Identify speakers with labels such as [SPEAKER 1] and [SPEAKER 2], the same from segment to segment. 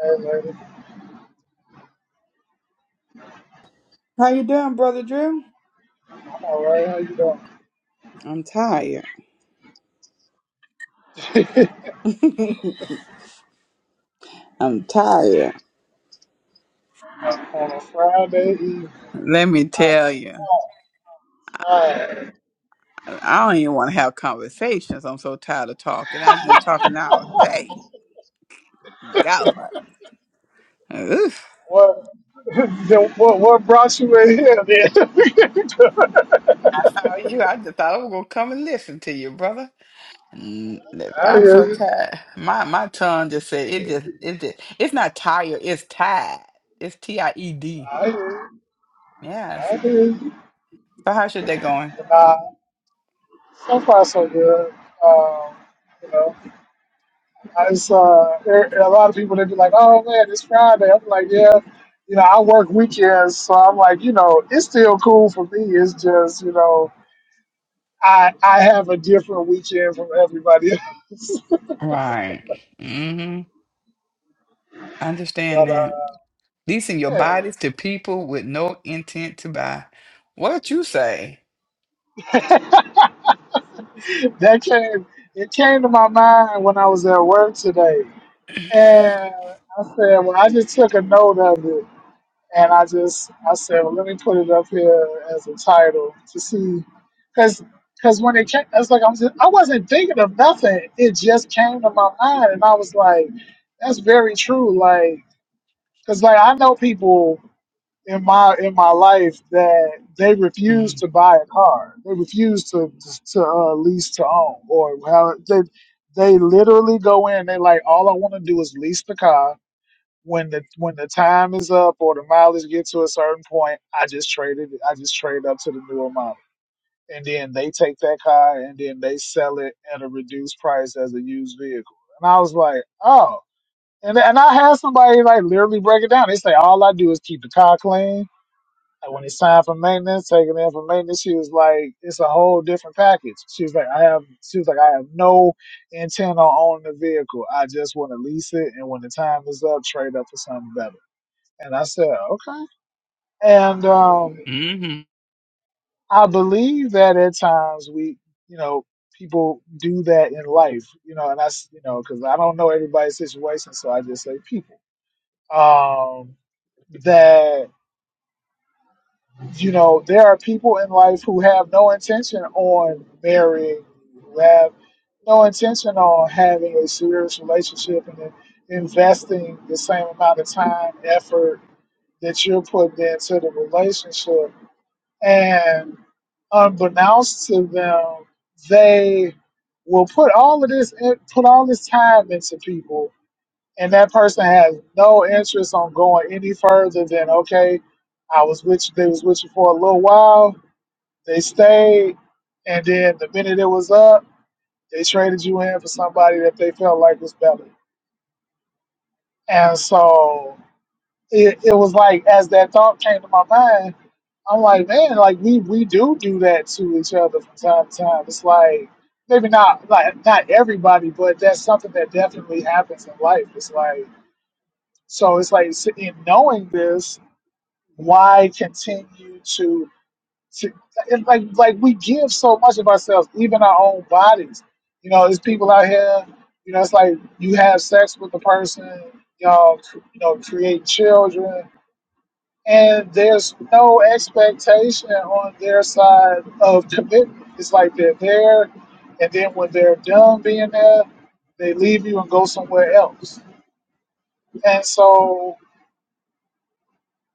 [SPEAKER 1] Hey, baby.
[SPEAKER 2] How you doing, brother Drew?
[SPEAKER 1] All right, how you doing?
[SPEAKER 2] I'm tired. I'm tired.
[SPEAKER 1] On a Friday evening,
[SPEAKER 2] Let me
[SPEAKER 1] I'm
[SPEAKER 2] tell you,
[SPEAKER 1] smart. Alright.
[SPEAKER 2] I don't even want to have conversations. I'm so tired of talking. I've been talking all day. God. Oof.
[SPEAKER 1] What, then what, what brought you in here then?
[SPEAKER 2] How are you? I just thought I was gonna come and listen to you, brother. Mm,
[SPEAKER 1] I
[SPEAKER 2] I'm so
[SPEAKER 1] hear you.
[SPEAKER 2] tired. My my tongue just said it. Just it just it's not tired. It's tired. It's T I E D.
[SPEAKER 1] I hear you.
[SPEAKER 2] Yes.
[SPEAKER 1] I hear you.
[SPEAKER 2] So how's your day going?
[SPEAKER 1] Nah, so far so good. Um, you know, I just, uh, there- a lot of people, they be like, oh man, it's Friday. I'm like, yeah. You know, I work weekends, so I'm like, you know, it's still cool for me. It's just, you know, I I have a different weekend from everybody else.
[SPEAKER 2] Right. Mm-hmm. I understand
[SPEAKER 1] But
[SPEAKER 2] that.
[SPEAKER 1] uh,
[SPEAKER 2] leasing your
[SPEAKER 1] yeah.
[SPEAKER 2] bodies to people with no intent to buy. What you say?
[SPEAKER 1] that came it came to my mind when I was at work today, and I said, well, I just took a note of it, and I just I said, well, let me put it up here as a title to see, because. because when it came, I was like, I'm just, I wasn't thinking of nothing. It just came to my mind, and I was like, "That's very true." Like, cause like I know people in my in my life that they refuse to buy a car. They refuse to to uh, lease to own or how they they literally go in. They like all I want to do is lease the car. When the when the time is up or the mileage gets to a certain point, I just trade it. I just trade up to the newer model, and then they take that car and then they sell it at a reduced price as a used vehicle. And I was like, oh. And, and I had somebody like literally break it down. They say all I do is keep the car clean. And when it's time for maintenance, taking in for maintenance, she was like, it's a whole different package. She was like, I have, she was like, I have no intent on owning the vehicle. I just want to lease it. And when the time is up, trade up for something better. And I said, okay. And um,
[SPEAKER 2] Mm-hmm.
[SPEAKER 1] I believe that at times we, you know, people do that in life, you know, and I, s- you know, because I don't know everybody's situation. So I just say people. Um, that you know, there are people in life who have no intention on marrying, who have no intention on having a serious relationship and then investing the same amount of time, effort that you're putting into the relationship. And unbeknownst to them, they will put all of this in, put all this time into people, and that person has no interest on going any further than okay. I was with you. They was with you for a little while they stayed, and then the minute it was up, they traded you in for somebody that they felt like was better. And so it, it was like as that thought came to my mind, I'm like, man, like we we do do that to each other from time to time. It's like maybe not like not everybody, but that's something that definitely happens in life. It's like so it's like s- in knowing this, why continue to See, It's like like we give so much of ourselves, even our own bodies. You know, there's people out here. You know, it's like you have sex with the person. You know, cr- you know, create children, and there's no expectation on their side of commitment. It's like they're there, and then when they're done being there, they leave you and go somewhere else. And so,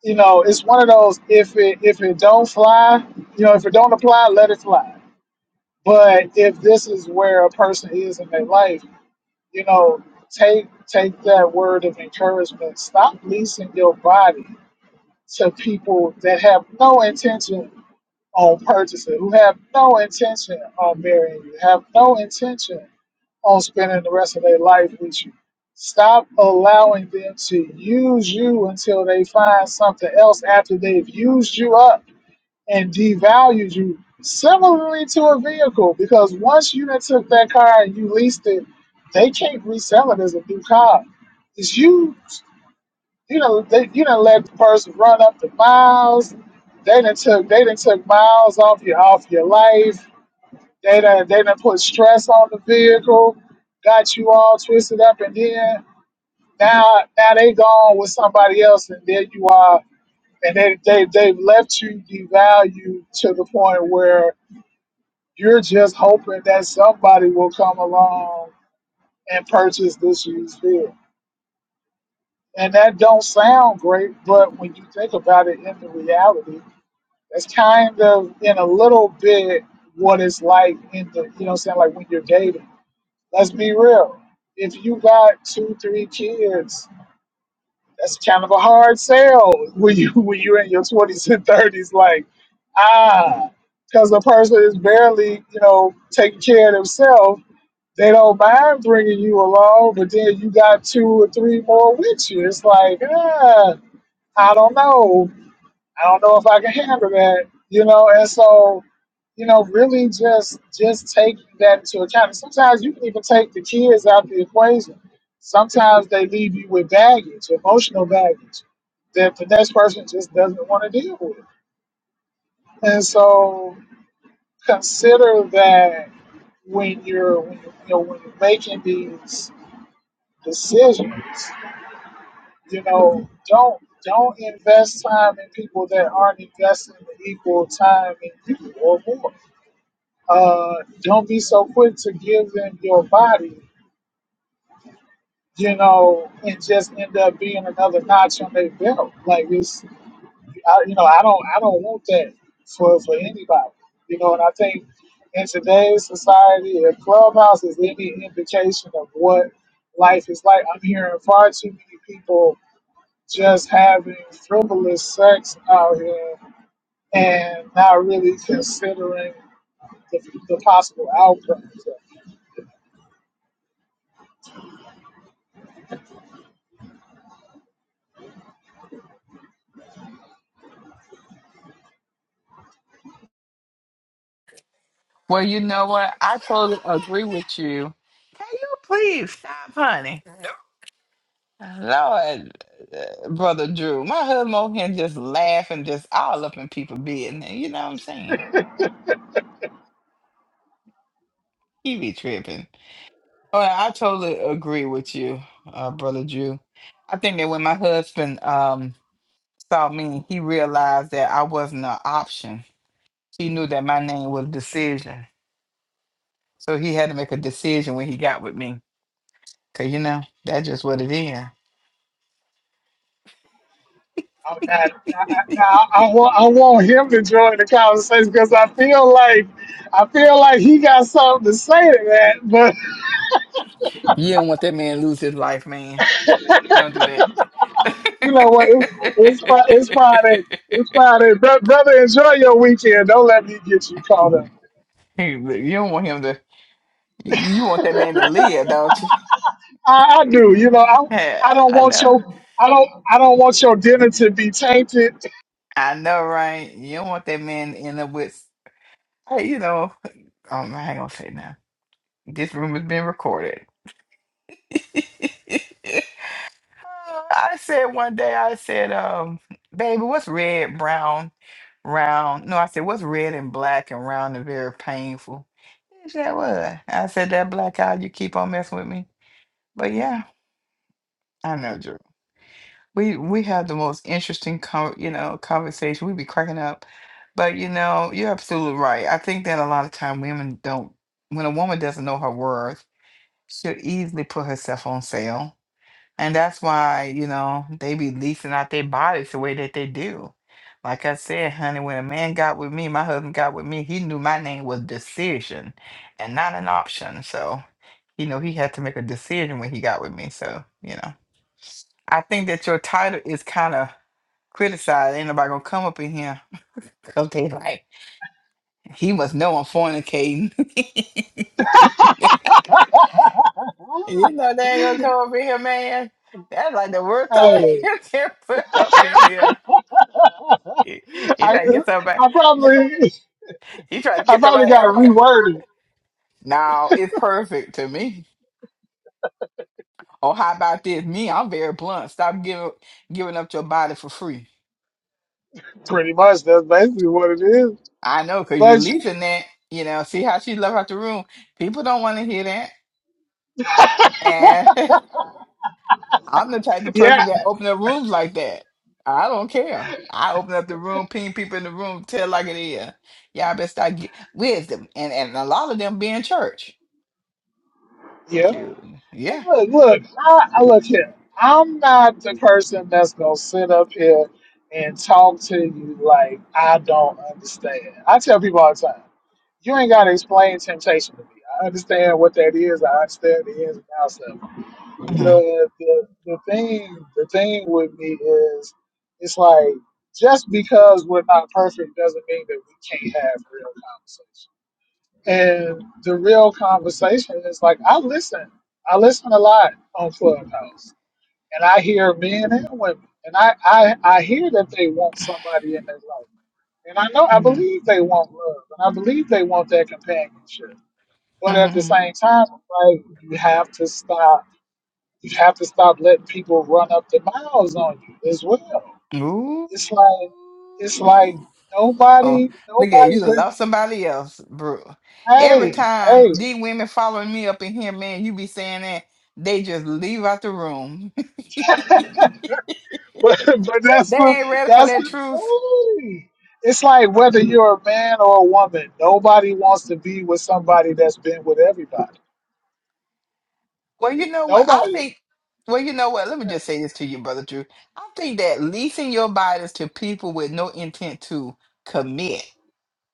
[SPEAKER 1] you know, it's one of those if it if it don't fly, you know, if it don't apply, let it fly But if this is where a person is in their life, you know, take take that word of encouragement. Stop leasing your body to people that have no intention on purchasing, who have no intention on marrying you, have no intention on spending the rest of their life with you. Stop allowing them to use you until they find something else after they've used you up and devalues you similarly to a vehicle because once you done took that car and you leased it, they can't resell it as a new car. It's used. You know, they you done let the person run up the miles. They done took they done took miles off your off your life. They done they done put stress on the vehicle, got you all twisted up and then now now they gone with somebody else and there you are and they, they they've left you devalued to the point where you're just hoping that somebody will come along and purchase this used vehicle. And that don't sound great, but when you think about it in the reality, that's kind of in a little bit what it's like in the you know what I'm saying, like when you're dating. Let's be real. If you got two, three kids, that's kind of a hard sell when you when you're in your twenties and thirties, like, ah, because the person is barely, you know, taking care of themselves They don't mind bringing you along, but then you got two or three more with you. It's like, ah, I don't know. I don't know if I can handle that, you know. And so, you know, really just just take that into account. And Sometimes you can even take the kids out the equation. Sometimes they leave you with baggage, emotional baggage, that the next person just doesn't want to deal with. And so, consider that when you're when you, you know when you're making these decisions. You know, don't don't invest time in people that aren't investing equal time in you or more. Uh, don't be so quick to give them your body, you know, and just end up being another notch on their belt. Like it's, I, you know, I don't I don't want that for for anybody. You know, and I think in today's society, if Clubhouse is any indication of what life is like, I'm hearing far too many people just having frivolous sex out here and not really considering the, the possible outcomes.
[SPEAKER 2] Well, you know what? I totally agree with you. Can you please stop, honey? No. Lord, uh, brother Drew, my husband over here just laughing, just all up in people business. You know what I'm saying? He be tripping. Well, I totally agree with you, uh, brother Drew. I think that when my husband um saw me, he realized that I wasn't an option He knew that my name was decision. So he had to make a decision when he got with me. Cause you know, that's just what it is.
[SPEAKER 1] I'm not, I, I, I, want, I want him to join the conversation because I feel like I feel like he got something to say to that. But
[SPEAKER 2] You don't want that man to lose his life, man. Don't do that.
[SPEAKER 1] you know what? It's, it's, Fri- it's Friday. It's Friday, Bro- brother. Enjoy your weekend. Don't let me get you caught up.
[SPEAKER 2] you don't want him to you want that man to live, don't you?
[SPEAKER 1] I, I do. You know, I,
[SPEAKER 2] Yeah,
[SPEAKER 1] I don't
[SPEAKER 2] I
[SPEAKER 1] want
[SPEAKER 2] know.
[SPEAKER 1] your I don't I don't want your dinner to be tainted.
[SPEAKER 2] I know, right? You don't want that man to end up with hey, you know, um, I ain't gonna say now. This room is being recorded. Uh, I said one day, I said, um, baby, what's red, brown, round? No, I said, what's red and black and round and very painful? She said, what? I said, that black eye, you keep on messing with me. But yeah, I know, Drew. We we have the most interesting, con you know, conversation. We be cracking up. But you know, you're absolutely right. I think that a lot of time women don't, when a woman doesn't know her worth, she'll easily put herself on sale And that's why, you know, they be leasing out their bodies the way that they do. Like I said, honey, when a man got with me, my husband got with me, he knew my name was decision and not an option. So, you know, he had to make a decision when he got with me. So, you know, I think that your title is kind of criticized. Ain't nobody gonna come up in here because they like, he must know I'm fornicating. you know, they ain't gonna come up in here, man. That's like the worst title
[SPEAKER 1] Hey.
[SPEAKER 2] you can put up in here. You you
[SPEAKER 1] I
[SPEAKER 2] trying to get somebody?
[SPEAKER 1] I
[SPEAKER 2] You
[SPEAKER 1] probably
[SPEAKER 2] try- you trying to
[SPEAKER 1] I
[SPEAKER 2] get
[SPEAKER 1] probably
[SPEAKER 2] somebody to
[SPEAKER 1] got to
[SPEAKER 2] have a? co-
[SPEAKER 1] reword it.
[SPEAKER 2] No, it's perfect to me. Oh, how about this? Me, I'm very blunt. Stop giving giving up your body for free.
[SPEAKER 1] Pretty much, that's basically what it is.
[SPEAKER 2] I know, cause you
[SPEAKER 1] But
[SPEAKER 2] leaving that. You know, see how she left out the room. People don't want to hear that, and I'm the type of person
[SPEAKER 1] yeah,
[SPEAKER 2] that open up rooms like that. I don't care. I open up the room, ping people in the room, tell like it is. Y'all better start get wisdom, and and a lot of them be in church.
[SPEAKER 1] yeah.
[SPEAKER 2] Shoot,
[SPEAKER 1] Hey,
[SPEAKER 2] yeah.
[SPEAKER 1] Look, look, I, I look here. I'm not the person that's gonna sit up here and talk to you like I don't understand. I tell people all the time, you ain't gotta explain temptation to me. I understand what that is. I understand the ins and outs of it. You know,
[SPEAKER 2] Mm-hmm.
[SPEAKER 1] and the, the thing the thing with me is it's like just because we're not perfect doesn't mean that we can't have real conversation. And the real conversation is like I listen. I listen a lot on Clubhouse. And I hear men and women. And I, I, I hear that they want somebody in their life. And I know I believe they want love and I believe they want that companionship. But at the
[SPEAKER 2] Mm-hmm.
[SPEAKER 1] same time, like you have to stop you have to stop letting people run up the miles on you as well.
[SPEAKER 2] Ooh.
[SPEAKER 1] It's like it's like
[SPEAKER 2] Oh,
[SPEAKER 1] nobody
[SPEAKER 2] look at you.
[SPEAKER 1] nobody went
[SPEAKER 2] Love somebody else, bro. Every
[SPEAKER 1] hey,
[SPEAKER 2] time
[SPEAKER 1] hey
[SPEAKER 2] these women following me up in here, man, you be saying that they just leave out the room. they
[SPEAKER 1] but but that's the
[SPEAKER 2] ain't ready for
[SPEAKER 1] that's
[SPEAKER 2] that
[SPEAKER 1] the
[SPEAKER 2] truth.
[SPEAKER 1] thing. It's like whether you're a man or a woman, nobody wants to be with somebody that's been with everybody.
[SPEAKER 2] Well, you know what? I
[SPEAKER 1] Nobody
[SPEAKER 2] think. Well, you know what? Let me just say this to you, brother Drew. I think that leasing your bodies to people with no intent to commit.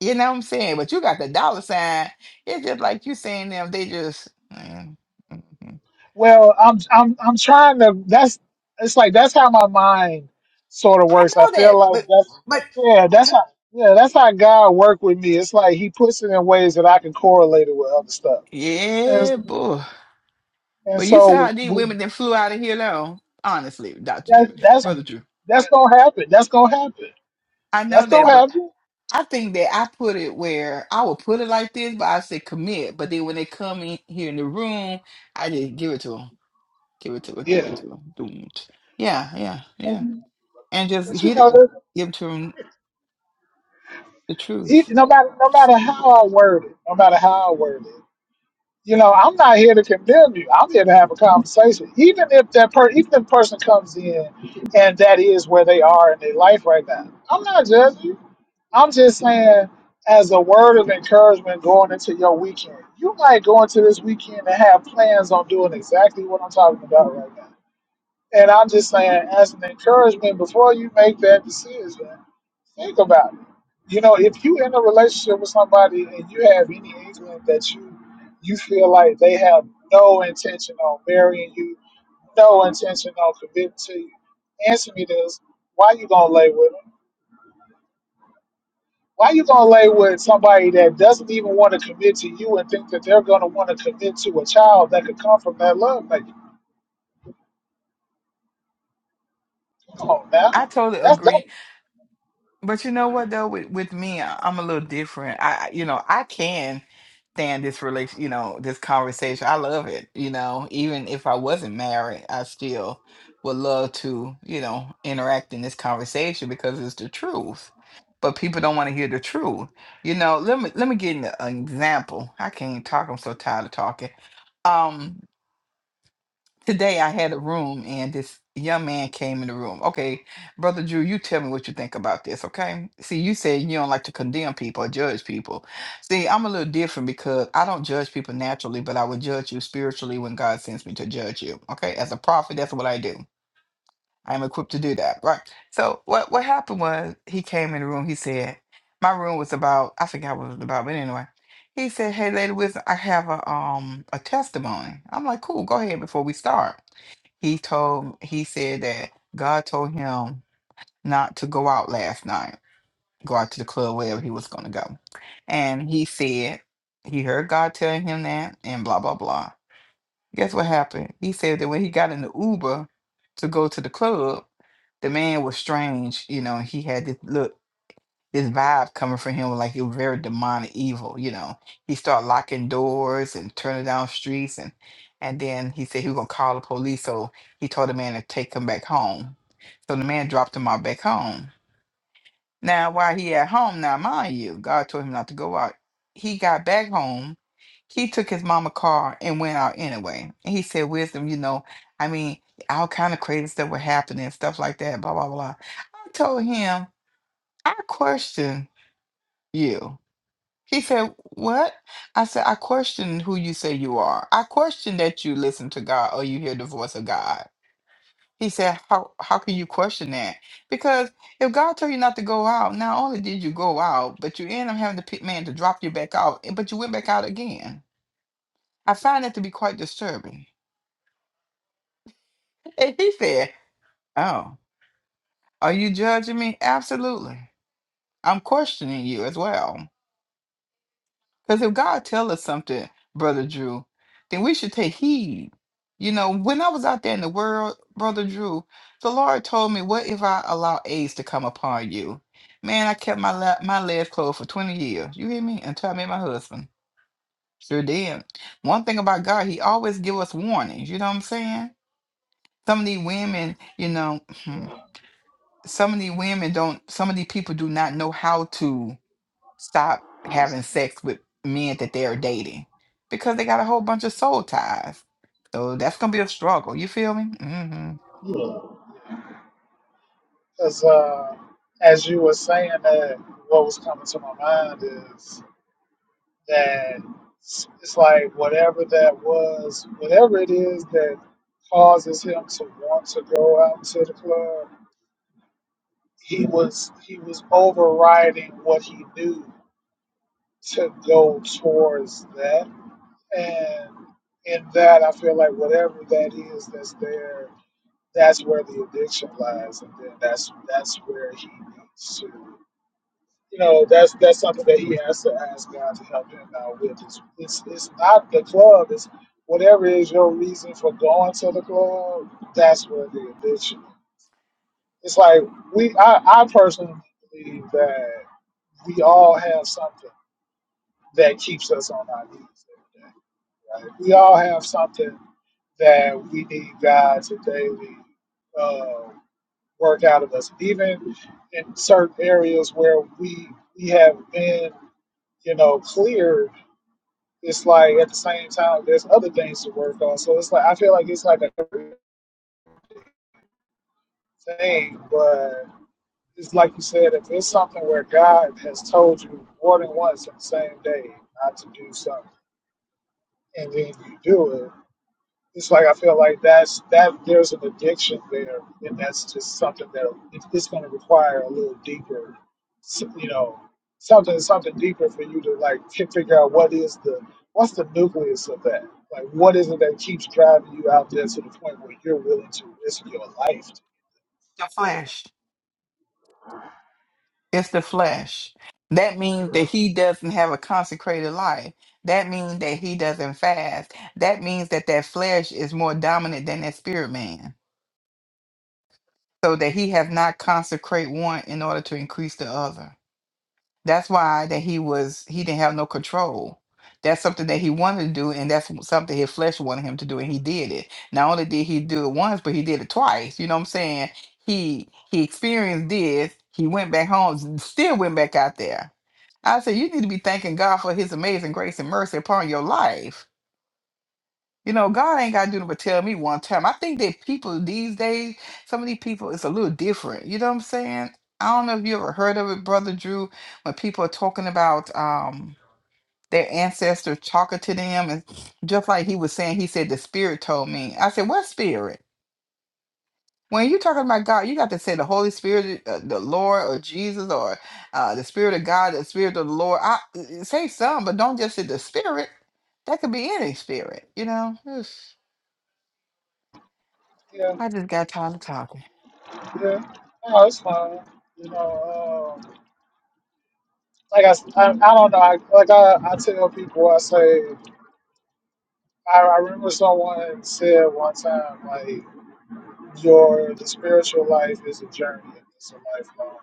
[SPEAKER 2] You know what I'm saying? But you got the dollar sign. It's just like you saying them. They just. mm, mm, mm.
[SPEAKER 1] Well, I'm I'm I'm trying to. That's it's like that's how my mind sort of
[SPEAKER 2] I
[SPEAKER 1] works. I
[SPEAKER 2] know
[SPEAKER 1] feel
[SPEAKER 2] that,
[SPEAKER 1] like
[SPEAKER 2] but
[SPEAKER 1] that's
[SPEAKER 2] but
[SPEAKER 1] yeah, that's how yeah, that's how God work with me. It's like He puts it in ways that I can correlate it with other stuff, and
[SPEAKER 2] yeah, boy.
[SPEAKER 1] and
[SPEAKER 2] But you see how
[SPEAKER 1] so
[SPEAKER 2] these women that flew out of here now, honestly, Doctor Drew,
[SPEAKER 1] that's that's
[SPEAKER 2] Brother Drew.
[SPEAKER 1] that's gonna happen. That's gonna happen.
[SPEAKER 2] I know
[SPEAKER 1] That's
[SPEAKER 2] that,
[SPEAKER 1] gonna
[SPEAKER 2] but
[SPEAKER 1] happen.
[SPEAKER 2] I think that I put it where I would put it like this, but I say commit. But then when they come in here in the room, I just give it to them, give it to them, give
[SPEAKER 1] Yeah,
[SPEAKER 2] it to them. Yeah, yeah, yeah,
[SPEAKER 1] but
[SPEAKER 2] and just
[SPEAKER 1] you
[SPEAKER 2] hit
[SPEAKER 1] know,
[SPEAKER 2] it,
[SPEAKER 1] that-
[SPEAKER 2] give to them the
[SPEAKER 1] he,
[SPEAKER 2] truth.
[SPEAKER 1] no matter no matter how I word it, no matter how I word it. you know, I'm not here to condemn you. I'm here to have a conversation. Even if that per, even if the person comes in, and that is where they are in their life right now, I'm not judging you. I'm just saying, as a word of encouragement going into your weekend, you might go into this weekend and have plans on doing exactly what I'm talking about right now. And I'm just saying, as an encouragement, before you make that decision, think about it. You know, if you in a relationship with somebody and you have any inkling that you you feel like they have no intention on marrying you, no intention on committing to you, answer me this: Why you gonna lay with them? Why you gonna lay with somebody that doesn't even want to commit to you and think that they're gonna want to commit to a child that could come from that love? Like, come on
[SPEAKER 2] I
[SPEAKER 1] now,
[SPEAKER 2] totally
[SPEAKER 1] that's dumb.
[SPEAKER 2] agree But you know what though, with with me, I- I'm a little different. I, I- you know, I can stand this relation, you know, this conversation. I love it. You know, even if I wasn't married, I still would love to, you know, interact in this conversation because it's the truth. But people don't want to hear the truth. You know, let me let me give you an example. I can't talk. I'm so tired of talking. Um, today I had a room and this young man came in the room. Okay, brother Drew, you tell me what you think about this, okay? See, you said you don't like to condemn people or judge people. See, I'm a little different because I don't judge people naturally, but I would judge you spiritually when God sends me to judge you. Okay? As a prophet, that's what I do. I am equipped to do that, right? So what what happened was he came in the room, he said, my room was about, I forgot what it was about, but anyway. He said, Hey Lady Wisdom, I have a um a testimony. I'm like, cool, go ahead before we start he told he said that God told him not to go out last night, go out to the club wherever he was going to go, and he said he heard God telling him that, and blah blah blah. Guess what happened? He said that when he got in the Uber to go to the club, the man was strange. You know, he had this look this vibe coming from him was like he was very demonic evil you know he started locking doors and turning down streets and and then he said he was gonna call the police so he told the man to take him back home so the man dropped him out back home now while he at home now mind you god told him not to go out he got back home he took his mama car and went out anyway and he said wisdom you know i mean all kind of crazy stuff were happening stuff like that blah blah blah i told him i question you he said, What? I said, I question who you say you are. I question that you listen to God or you hear the voice of God. He said, How how can you question that? Because if God told you not to go out, not only did you go out, but you end up having to pick man to drop you back out, and- but you went back out again. I find that to be quite disturbing. And he said, Oh, are you judging me? Absolutely. I'm questioning you as well. Because if God tell us something, Brother Drew, then we should take heed. You know, when I was out there in the world, Brother Drew, the Lord told me, what if I allow AIDS to come upon you? Man, I kept my la- my legs closed for 20 years. You hear me? Until I met my husband. Sure did. One thing about God, he always give us warnings. You know what I'm saying? Some of these women, you know, some of these women don't, some of these people do not know how to stop having sex with men that they're dating because they got a whole bunch of soul ties. So that's gonna be a struggle. You feel me? hmm
[SPEAKER 1] Because uh, as you were saying that, what was coming to my mind is that it's it's like whatever that was, whatever it is that causes him to want to go out to the club, he was he was overriding what he knew to go towards that, and in that, I feel like whatever that is that's there, that's where the addiction lies, and then that's that's where he needs to. you know, that's that's something that he has to ask God to help him out with. It's, it's it's not the club. It's whatever is your reason for going to the club. That's what it is. It's, it's like we. I, I personally believe that we all have something that keeps us on our knees every day. Right? We all have something that we need God to daily uh, work out of us, even in certain areas where we we have been you know, clear, it's like at the same time there's other things to work on. So it's like I feel like it's like a thing, but it's like you said, if it's something where God has told you more than once on the same day not to do something, and then you do it, It's like I feel like that's that there's an addiction there, and that's just something that it, it's going to require a little deeper, s- you know, something something deeper for you to like fi- figure out what is the what's the nucleus of that. Like, what is it that keeps driving you out there to the point where you're willing to risk your life
[SPEAKER 2] The flesh. It's the flesh. That means that he doesn't have a consecrated life. That means that he doesn't fast. That means that that flesh is more dominant than that spirit man. So that he has not consecrate one in order to increase the other. That's why that he was he didn't have no control. That's something that he wanted to do, and that's something his flesh wanted him to do, and he did it. Not only did he do it once, but he did it twice. You know what I'm saying? He he experienced this. He went back home, s- still went back out there. I said, you need to be thanking God for His amazing grace and mercy upon your life you know, God ain't got to do nothing but tell me one time. I think that people these days, some of these people, it's a little different. You know what I'm saying? I don't know if you ever heard of it, Brother Drew, when people are talking about um, their ancestors talking to them. And just like he was saying, he said, the Spirit told me. I said, what Spirit? When you talking about God, you got to say the Holy Spirit, uh, the Lord, or Jesus, or uh, the Spirit of God, the Spirit of the Lord. I, uh, say some, but don't just say the Spirit. That could be any spirit, you know?
[SPEAKER 1] yeah,
[SPEAKER 2] I just got tired of talking.
[SPEAKER 1] yeah. No, it's fine. You know, um, like I, s- I, I don't know. I, like I, I tell people, I say, I, I remember someone said one time, like. your the spiritual life is a journey. It's a lifelong.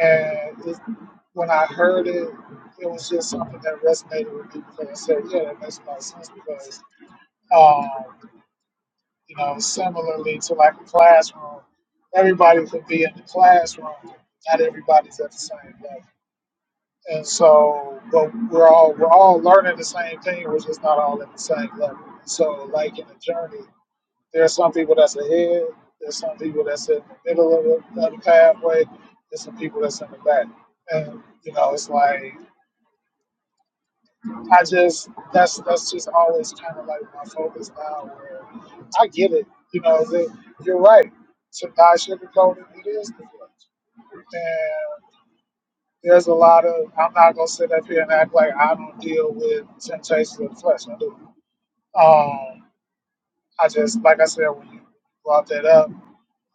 [SPEAKER 1] And it, when I heard it, it was just something that resonated with me because I said, yeah, that makes a lot of sense because, um, you know, similarly to like a classroom, everybody could be in the classroom. Not everybody's at the same level. And so, but we're all we're all learning the same thing. We're just not all at the same level. So, like in a journey, there are some people that's ahead. There's some people that's in the middle of the, of the pathway. There's some people that's in the back. And you know, it's like I just that's that's just always kind of like my focus now. Where I get it. You know, that you're right. To not sugarcoat it, it is the flesh. And there's a lot of I'm not gonna sit up here and act like I don't deal with temptations of the flesh. I do. Um, I just like I said when you brought that up.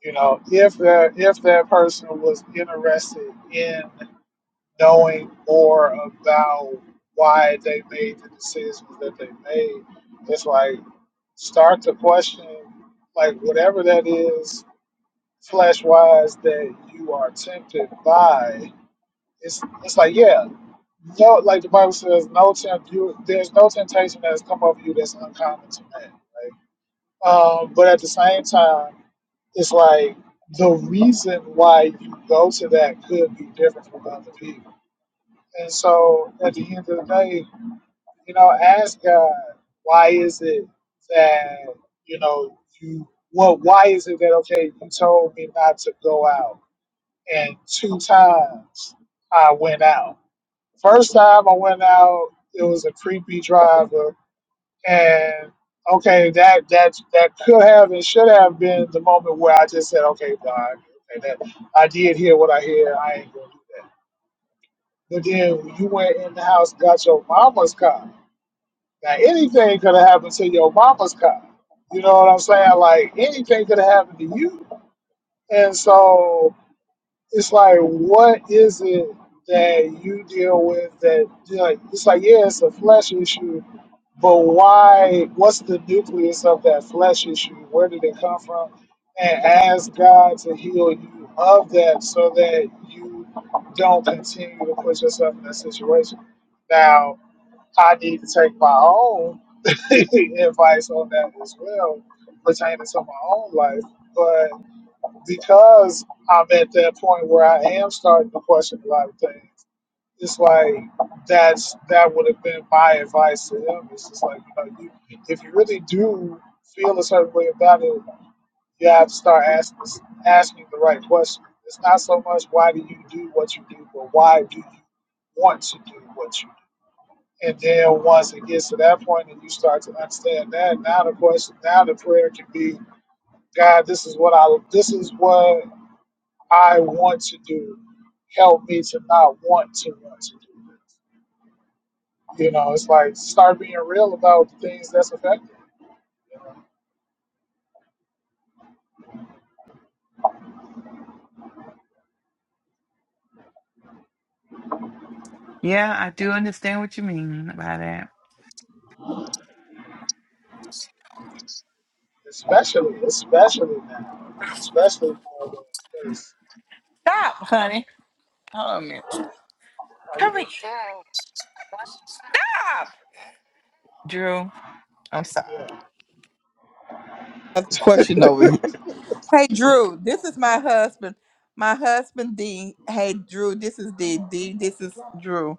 [SPEAKER 1] you know, if that if that person was interested in knowing more about why they made the decisions that they made, it's like start to question like whatever that is flesh wise that you are tempted by. It's it's like yeah, no like the Bible says, no tempt you there's no temptation that has come over you that's uncommon to man, right? Um, but at the same time it's like the reason why you go to that could be different from other people. And so at the end of the day, you know, ask God, why is it that, you know, you, well, why is it that, okay, you told me not to go out and two times I went out. First time I went out, it was a creepy driver and okay, that that that could have and should have been the moment where I just said, okay, God, okay, that I did hear what I hear. I ain't gonna do that. But then you went in the house, got your mama's car. Now anything could have happened to your mama's car. You know what I'm saying? Like anything could have happened to you. And so it's like, what is it that you deal with? That you know, it's like, yeah, it's a flesh issue But why? What's the nucleus of that flesh issue? Where did it come from? And ask God to heal you of that, so that you don't continue to put yourself in that situation. Now, I need to take my own advice on that as well, pertaining to my own life. But because I'm at that point where I am starting to question a lot of things. It's like that's that would have been my advice to him. It's just like you know, you, if you really do feel a certain way about it, you have to start asking asking the right question. It's not so much why do you do what you do, but why do you want to do what you do? And then once it gets to that point, and you start to understand that, now the question, now the prayer can be, God, this is what I, this is what I want to do. Help me to not want to want to do this. You know, it's like start being real about the things that's affected. You know,
[SPEAKER 2] Yeah, I do understand what you mean by that.
[SPEAKER 1] especially, especially now, especially for the space.
[SPEAKER 2] Stop, honey. Hold on a minute.
[SPEAKER 1] Like,
[SPEAKER 2] Come here. Stop. Drew, I'm sorry.
[SPEAKER 1] yeah.
[SPEAKER 2] Another question over here. Hey, Drew, this is my husband. My husband, D. Hey, Drew, this is D. D, this is Drew.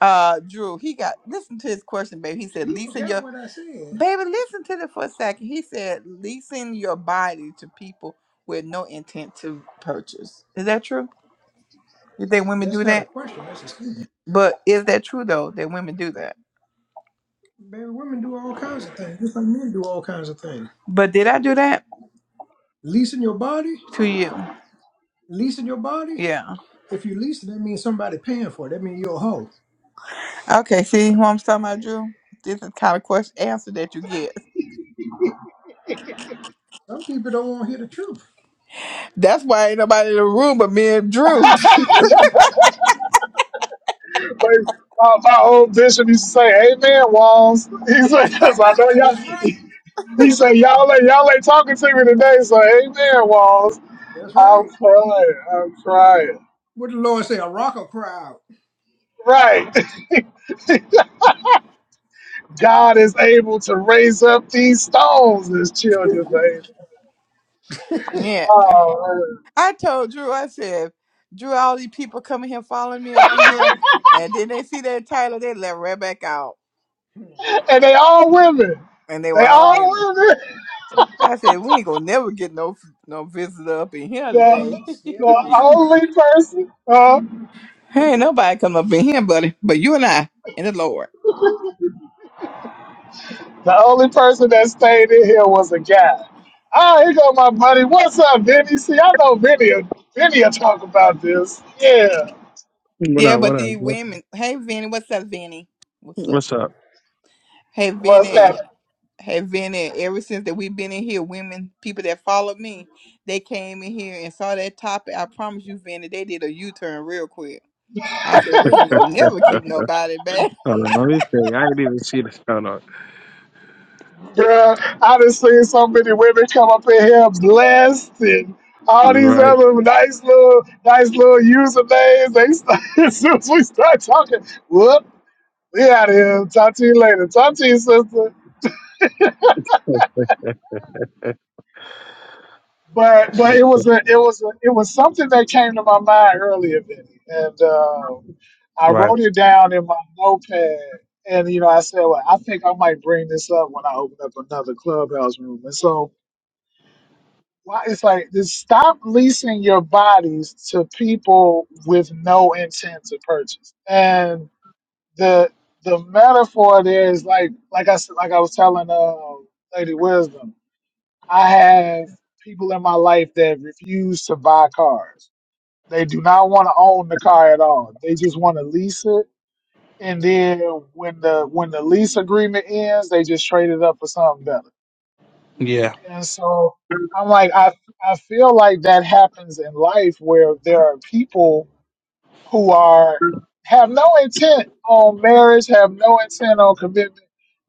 [SPEAKER 2] Uh, Drew, he got, listen to his question, baby. He said, You leasing forgot your, what I said. baby, listen to it for a second. He said, leasing your body to people with no intent to purchase. Is that true? You think women That's do not a that? question. That's a statement. But is that true though that women do that? Baby, women do all kinds of things. Just like men do all kinds of things. But did I do that Leasing your body, to you? leasing your body. Yeah. If you lease it, that means somebody paying for it. That means you're a hoe. Okay. See what I'm talking about, Drew? This is the kind of question answer that you get. Some people don't want to hear the truth. That's why ain't nobody in the room but me and Drew.
[SPEAKER 1] But my, my old bishop used to say, "Amen, Walls." He said,
[SPEAKER 2] That's
[SPEAKER 1] "Cause I know y'all."
[SPEAKER 2] right.
[SPEAKER 1] He said, "Y'all ain't y'all ain't talking to me today, so Amen, Walls."
[SPEAKER 2] That's
[SPEAKER 1] I'm
[SPEAKER 2] right.
[SPEAKER 1] crying. I'm crying.
[SPEAKER 2] What the Lord say? A rock will cry out.
[SPEAKER 1] Right. God is able to raise up these stones as children, baby.
[SPEAKER 2] Yeah.
[SPEAKER 1] Oh man.
[SPEAKER 2] I told Drew, I said, Drew, all these people coming here following me up in here, and then they see that title, they left right back out,
[SPEAKER 1] and they all women.
[SPEAKER 2] and they were
[SPEAKER 1] They
[SPEAKER 2] all
[SPEAKER 1] all
[SPEAKER 2] women.
[SPEAKER 1] women.
[SPEAKER 2] I said, we ain't gonna never get no no visitor up in here today.
[SPEAKER 1] The,
[SPEAKER 2] Scared of
[SPEAKER 1] the
[SPEAKER 2] the truth.
[SPEAKER 1] only person, huh?
[SPEAKER 2] ain't nobody come up in here, buddy, but you and I and the Lord.
[SPEAKER 1] The only person that stayed in here was a guy. Oh, here go my buddy. What's up, Vinny? See, I know Vinny. Vinny will talk about this. Yeah.
[SPEAKER 3] What
[SPEAKER 2] Yeah,
[SPEAKER 3] up?
[SPEAKER 2] but
[SPEAKER 3] What up?
[SPEAKER 2] these
[SPEAKER 3] Bro?
[SPEAKER 2] women. Hey, Vinny, what's up, Vinny? What's up?
[SPEAKER 3] What's up?
[SPEAKER 2] Hey,
[SPEAKER 1] What's
[SPEAKER 2] Vinny.
[SPEAKER 1] happening?
[SPEAKER 2] have been in ever since that we've been in here. Women, people that followed me, they came in here and saw that topic. I promise you, Vanny, they did a U turn real quick. I said, we ain't gonna never
[SPEAKER 3] Hold
[SPEAKER 2] keep nobody back.
[SPEAKER 3] on, let me see. I didn't even see this. Hold on.
[SPEAKER 1] Bruh, I done seen so many women come up in here blessed and all these
[SPEAKER 3] Right.
[SPEAKER 1] other nice little, nice little usernames. They start, as soon as we start talking, whoop, we out of here. Talk to you later. Talk to you, sister. but but it was a it was a, it was something that came to my mind earlier, Vinny, and uh, I
[SPEAKER 3] Right.
[SPEAKER 1] wrote it down in my notepad. And you know, I said, well, I think I might bring this up when I open up another clubhouse room. And so, why it's like this: stop leasing your bodies to people with no intent to purchase. And the the metaphor there is like like I s- like I was telling uh, Lady Wisdom I have people in my life that refuse to buy cars. They do not want to own the car at all. They just want to lease it. And then when the when the lease agreement ends, they just trade it up for something better.
[SPEAKER 3] Yeah.
[SPEAKER 1] And so I'm like, I I feel like that happens in life where there are people who are have no intent on marriage, have no intent on commitment.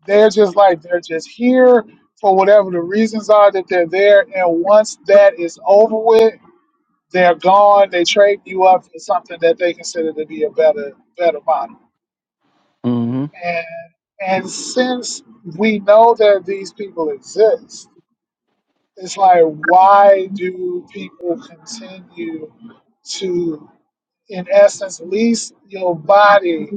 [SPEAKER 1] They're just like they're just here for whatever the reasons are that they're there. And once that is over with, they're gone. They trade you up for something that they consider to be a better better model.
[SPEAKER 3] hmm
[SPEAKER 1] And and since we know that these people exist, it's like why do people continue to in essence lease your body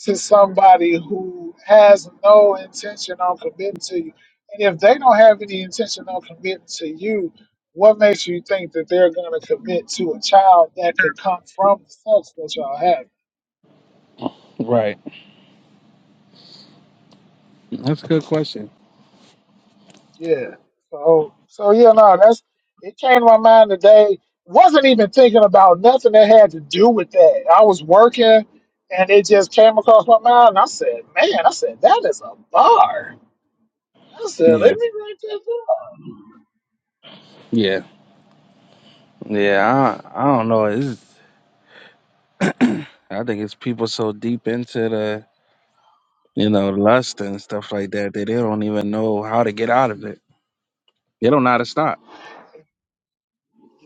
[SPEAKER 1] to somebody who has no intention on committing to you. And if they don't have any intention on committing to you, what makes you think that they're going to commit to a child that could come from the sex that y'all have?
[SPEAKER 3] Right. That's a good question.
[SPEAKER 1] Yeah. So, so yeah, no, that's it came to my mind today. Wasn't even thinking about nothing that had to do with that. I was working and it just came across my mind. And I said, man, I said, that is a bar. I said, let
[SPEAKER 3] Yeah.
[SPEAKER 1] me write that down.
[SPEAKER 3] Yeah. Yeah. I I don't know. It's, I think it's people so deep into the you know lust and stuff like that that they don't even know how to get out of it. They don't know how to stop.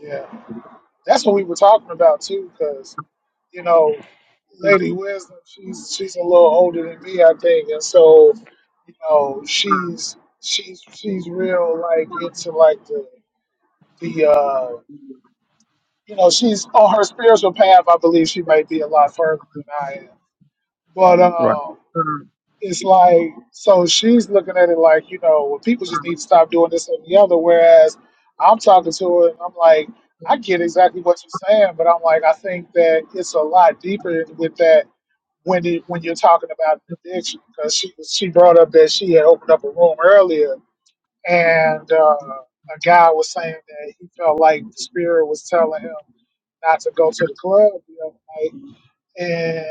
[SPEAKER 1] Yeah. That's what we were talking about too, because you know, Lady Wisdom, she's she's a little older than me, I think, and so you know, she's she's she's real like into like the the uh, you know, she's on her spiritual path. I believe she may be a lot further than I am, but
[SPEAKER 3] Right.
[SPEAKER 1] um it's like so she's looking at it like you know well people just need to stop doing this and the other whereas i'm talking to her and i'm like i get exactly what you're saying but i'm like i think that it's a lot deeper with that when it, when you're talking about an addiction because she she brought up that she had opened up a room earlier and uh, a guy was saying that he felt like the spirit was telling him not to go to the club the other night and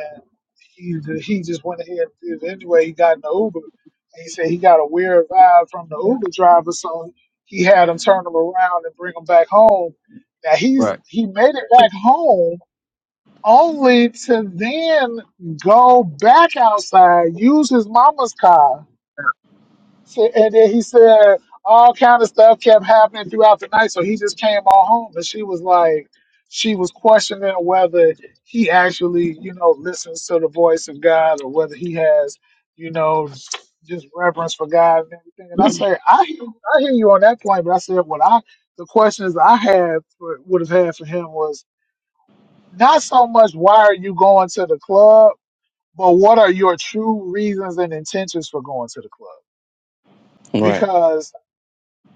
[SPEAKER 1] he he just went ahead and did it anyway. He got in the Uber, and he said he got a weird vibe from the Uber driver, so he had him turn him around and bring him back home. Now he's
[SPEAKER 3] Right.
[SPEAKER 1] he made it back home only to then go back outside, use his mama's car so- and then he said all kind of stuff kept happening throughout the night. So he just came on home, and she was like, she was questioning whether he actually, you know, listens to the voice of God or whether he has, you know, just reverence for God and everything. And I say, I hear, I hear you on that point, but I said what I, the questions I had for, would have had for him was not so much why are you going to the club, but what are your true reasons and intentions for going to the club?
[SPEAKER 3] Right.
[SPEAKER 1] Because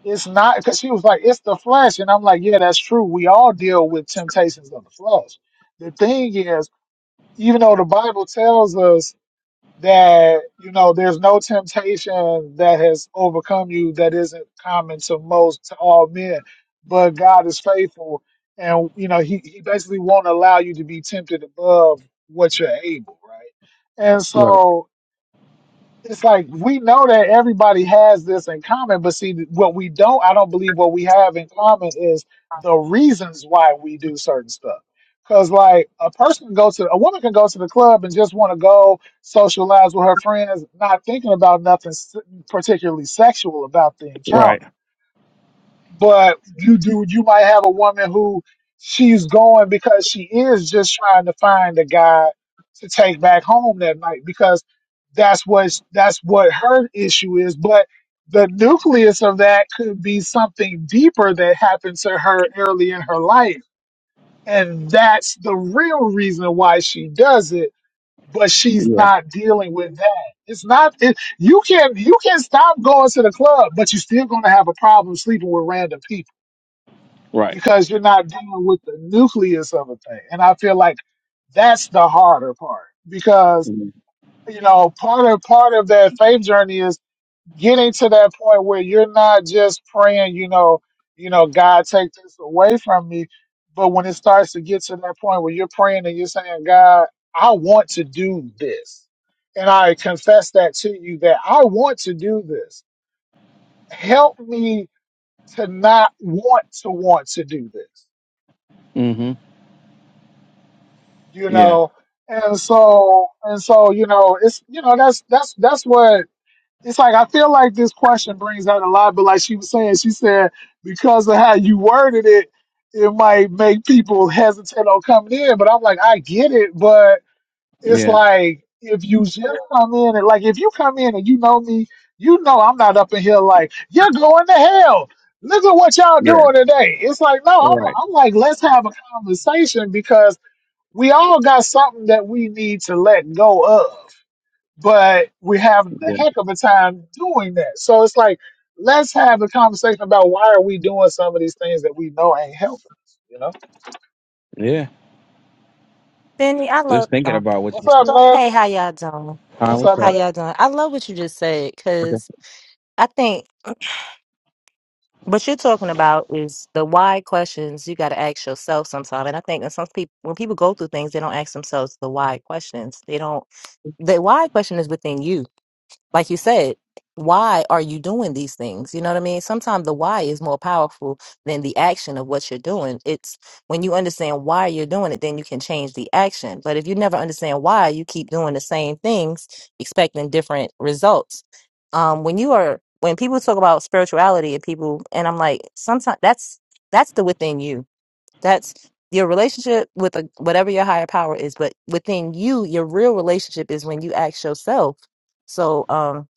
[SPEAKER 1] it's not because she was like, it's the flesh. And I'm like, yeah, that's true. We all deal with temptations of the flesh. The thing is, even though the Bible tells us that, you know, there's no temptation that has overcome you that isn't common to most, to all men, but God is faithful. And, you know, he, he basically won't allow you to be tempted above what you're able, right? And
[SPEAKER 3] Right.
[SPEAKER 1] so it's like we know that everybody has this in common, but see, what we don't, I don't believe what we have in common is the reasons why we do certain stuff. Because, like, a person can go to a woman can go to the club and just want to go socialize with her friends, not thinking about nothing s- particularly sexual about the encounter
[SPEAKER 3] Right.
[SPEAKER 1] but you do you might have a woman who she's going because she is just trying to find a guy to take back home that night because that's what that's what her issue is but the nucleus of that could be something deeper that happened to her early in her life and that's the real reason why she does it but she's
[SPEAKER 3] Yeah.
[SPEAKER 1] not dealing with that it's not it, you can you can stop going to the club but you're still going to have a problem sleeping with random people
[SPEAKER 3] Right.
[SPEAKER 1] because you're not dealing with the nucleus of a thing. And I feel like that's the harder part because you know part of part of that faith journey is getting to that point where you're not just praying, you know, you know, God take this away from me. But when it starts to get to that point where you're praying and you're saying, God, I want to do this. And I confess that to you that I want to do this. Help me to not want to want to do this
[SPEAKER 3] Mm-hmm.
[SPEAKER 1] you
[SPEAKER 3] Yeah.
[SPEAKER 1] know and so and so you know it's you know that's that's that's what it's like i feel like this question brings out a lot but like she was saying she said because of how you worded it it might make people hesitant on coming in but i'm like i get it but it's
[SPEAKER 3] Yeah.
[SPEAKER 1] like if you just come in and like if you come in and you know me you know i'm not up in here like you're going to hell look at what y'all
[SPEAKER 3] Yeah.
[SPEAKER 1] doing today it's like no i'm,
[SPEAKER 3] Right.
[SPEAKER 1] I'm like let's have a conversation because we all got something that we need to let go of, but we're having a heck of a time doing that. So it's like, let's have a conversation about why are we doing some of these things that we know ain't helping us, you know?
[SPEAKER 3] Yeah.
[SPEAKER 4] Benny, I love.
[SPEAKER 3] Just thinking
[SPEAKER 4] Oh,
[SPEAKER 3] about what
[SPEAKER 1] What's
[SPEAKER 3] you said.
[SPEAKER 1] up, man?
[SPEAKER 4] hey, how y'all doing?
[SPEAKER 3] Uh,
[SPEAKER 1] What's
[SPEAKER 3] what's
[SPEAKER 1] up,
[SPEAKER 4] How
[SPEAKER 3] that?
[SPEAKER 1] man?
[SPEAKER 4] y'all doing? I love what you just said because
[SPEAKER 3] Okay.
[SPEAKER 4] I think what you're talking about is the why questions you got to ask yourself sometime. And I think that some people, when people go through things, they don't ask themselves the why questions. They don't. The why question is within you. like you said, why are you doing these things? You know what I mean? Sometimes the why is more powerful than the action of what you're doing. It's when you understand why you're doing it, then you can change the action. But if you never understand why, you keep doing the same things, expecting different results. Um, when you are, when people talk about spirituality and people, and I'm like, sometimes that's, that's the within you. That's your relationship with a, whatever your higher power is. But within you, your real relationship is when you ask yourself. So, um,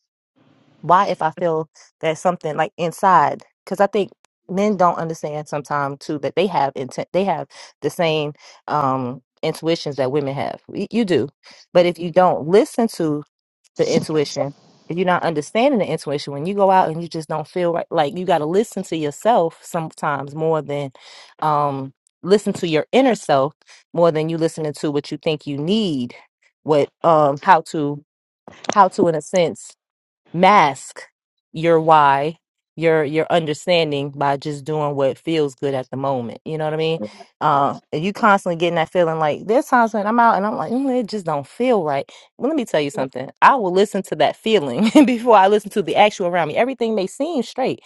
[SPEAKER 4] why if I feel that something like inside, because I think men don't understand sometimes too that they have intent, they have the same um intuitions that women have. Y- You do, but if you don't listen to the intuition, if you're not understanding the intuition, when you go out and you just don't feel right, like you got to listen to yourself sometimes more than um listen to your inner self more than you listening to what you think you need, what um how to how to in a sense mask your why your your understanding by just doing what feels good at the moment you know what i mean uh and you constantly getting that feeling like there's times when i'm out and i'm like "Mm, it just don't feel right well, let me tell you something i will listen to that feeling before i listen to the actual around me everything may seem straight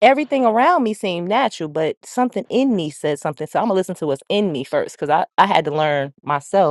[SPEAKER 4] everything around me seemed natural but something in me said something so i'm gonna listen to what's in me first because i i had to learn myself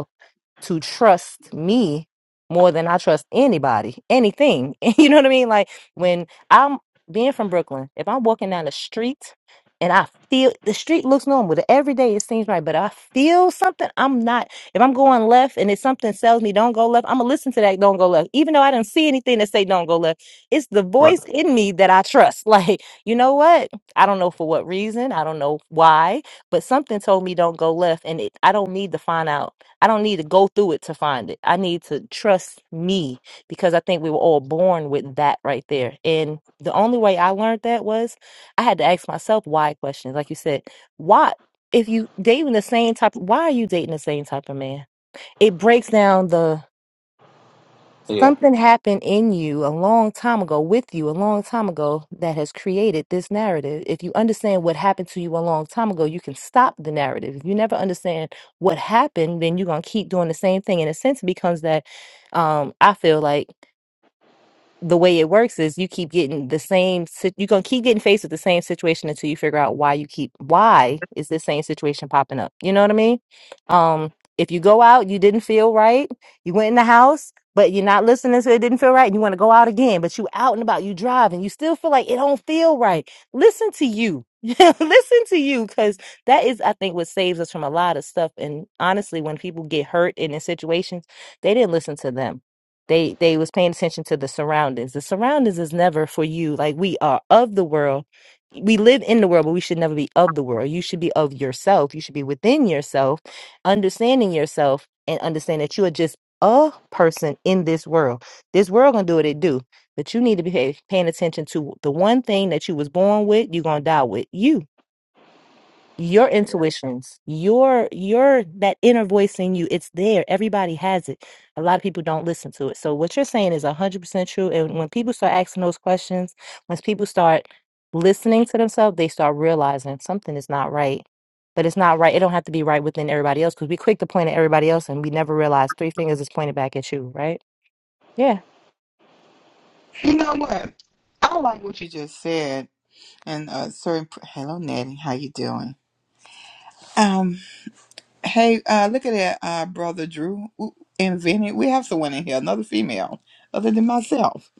[SPEAKER 4] to trust me more than I trust anybody, anything. You know what I mean? Like when I'm being from Brooklyn, if I'm walking down the street and I feel the street looks normal, the everyday it seems right, but I feel something, I'm not. If I'm going left and it's something tells me don't go left, I'm gonna listen to that don't go left, even though I didn't see anything that say don't go left. It's the
[SPEAKER 3] Right.
[SPEAKER 4] voice in me that I trust. Like you know what? I don't know for what reason, I don't know why, but something told me don't go left, and it, I don't need to find out I don't need to go through it to find it. I need to trust me because I think we were all born with that right there. And the only way I learned that was I had to ask myself why questions. Like you said, why if you dating the same type why are you dating the same type of man? It breaks down the
[SPEAKER 3] Yeah.
[SPEAKER 4] Something happened in you a long time ago, with you a long time ago, that has created this narrative. If you understand what happened to you a long time ago, you can stop the narrative. If you never understand what happened, then you're going to keep doing the same thing. In a sense, it becomes that um, I feel like the way it works is you keep getting the same sit- you're going to keep getting faced with the same situation until you figure out why you keep why is this same situation popping up you know what i mean um if you go out you didn't feel right you went in the house but you're not listening so it didn't feel right and you want to go out again but you out and about you driving you still feel like it don't feel right listen to you listen to you because that is i think what saves us from a lot of stuff and honestly when people get hurt in these situations they didn't listen to them they they was paying attention to the surroundings. The surroundings is never for you. Like we are of the world. We live in the world, but we should never be of the world. You should be of yourself. You should be within yourself, understanding yourself and understand that you are just a person in this world. This world gonna do what it do. But you need to be pay, paying attention to the one thing that you was born with, you gonna die with you your intuitions your your that inner voice in you it's there everybody has it a lot of people don't listen to it so what you're saying is 100% true and when people start asking those questions once people start listening to themselves they start realizing something is not right but it's not right it don't have to be right within everybody else because we quick to point at everybody else and we never realize three fingers is pointed back at you right yeah
[SPEAKER 2] You know what? I like what you just said. And uh, certain pr- hello, Natty, how you doing? Um, hey, uh, look at that, uh, brother Drew Ooh, and Vinny. We have someone in here, another female, other than myself.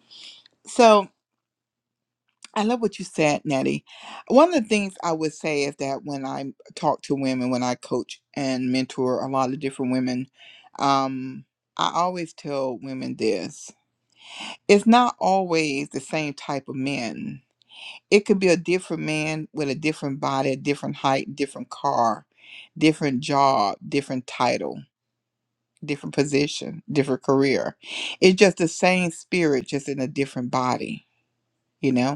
[SPEAKER 2] So. I love what you said, Nettie. One of the things I would say is that when I talk to women, when I coach and mentor a lot of different women, um, I always tell women this it's not always the same type of men. It could be a different man with a different body, a different height, different car, different job, different title, different position, different career. It's just the same spirit, just in a different body, you know?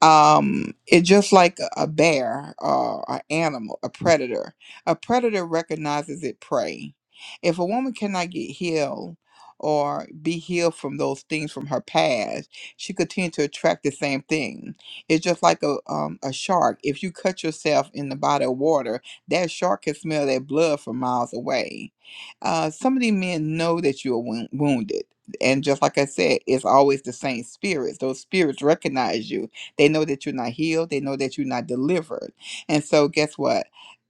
[SPEAKER 2] um it's just like a a bear or an animal a predator a predator recognizes it prey if a woman cannot get healed or be healed from those things from her past she continues to attract the same thing it's just like a um, a shark if you cut yourself in the body of water that shark can smell that blood from miles away uh some of these men know that you're wounded and just like i said it's always the same spirits those spirits recognize you they know that you're not healed. They know that you're not delivered. And so, guess what?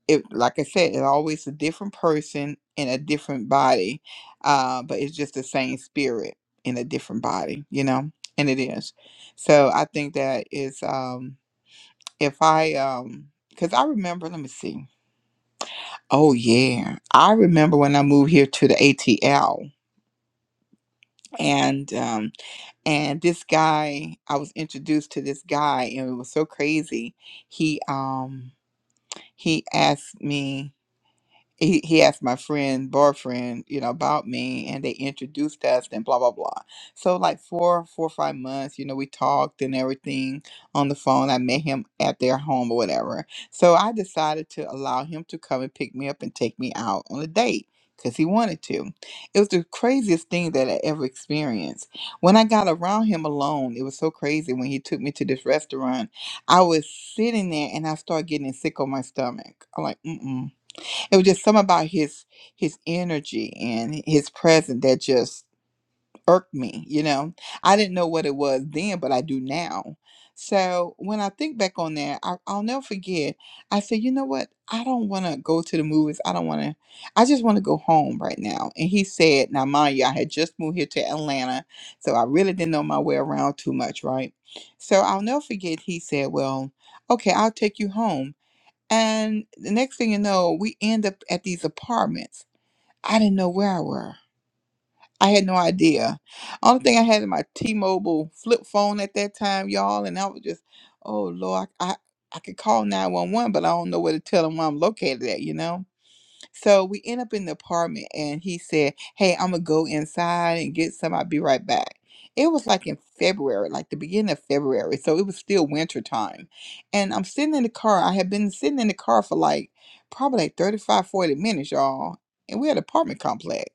[SPEAKER 2] It, like I said, it's always a different person in a different body, uh, but it's just the same spirit in a different body, you know? And it is. So I think that is, um, if I, um, because I remember, let me see. Oh, yeah. I remember when I moved here to the ATL and, um, and this guy i was introduced to this guy and it was so crazy he um he asked me he, he asked my friend, boyfriend, you know, about me and they introduced us and blah blah blah. So like four, four or five months, you know, we talked and everything on the phone. I met him at their home or whatever. So I decided to allow him to come and pick me up and take me out on a date because he wanted to. It was the craziest thing that I ever experienced. When I got around him alone, it was so crazy when he took me to this restaurant. I was sitting there and I started getting sick on my stomach. I'm like, mm mm it was just something about his his energy and his presence that just irked me you know i didn't know what it was then but i do now so when i think back on that I, i'll never forget i said you know what i don't want to go to the movies i don't want to i just want to go home right now and he said now mind you i had just moved here to atlanta so i really didn't know my way around too much right so i'll never forget he said well okay i'll take you home and the next thing you know, we end up at these apartments. I didn't know where I were. I had no idea. Only thing I had in my T-Mobile flip phone at that time, y'all, and I was just, oh Lord, I I, I could call 911, but I don't know where to tell them where I'm located at, you know? So we end up in the apartment and he said, Hey, I'm gonna go inside and get some. I'll be right back. It was like in February, like the beginning of February. So it was still winter time. And I'm sitting in the car. I had been sitting in the car for like probably like 35, forty minutes, y'all. And we had an apartment complex.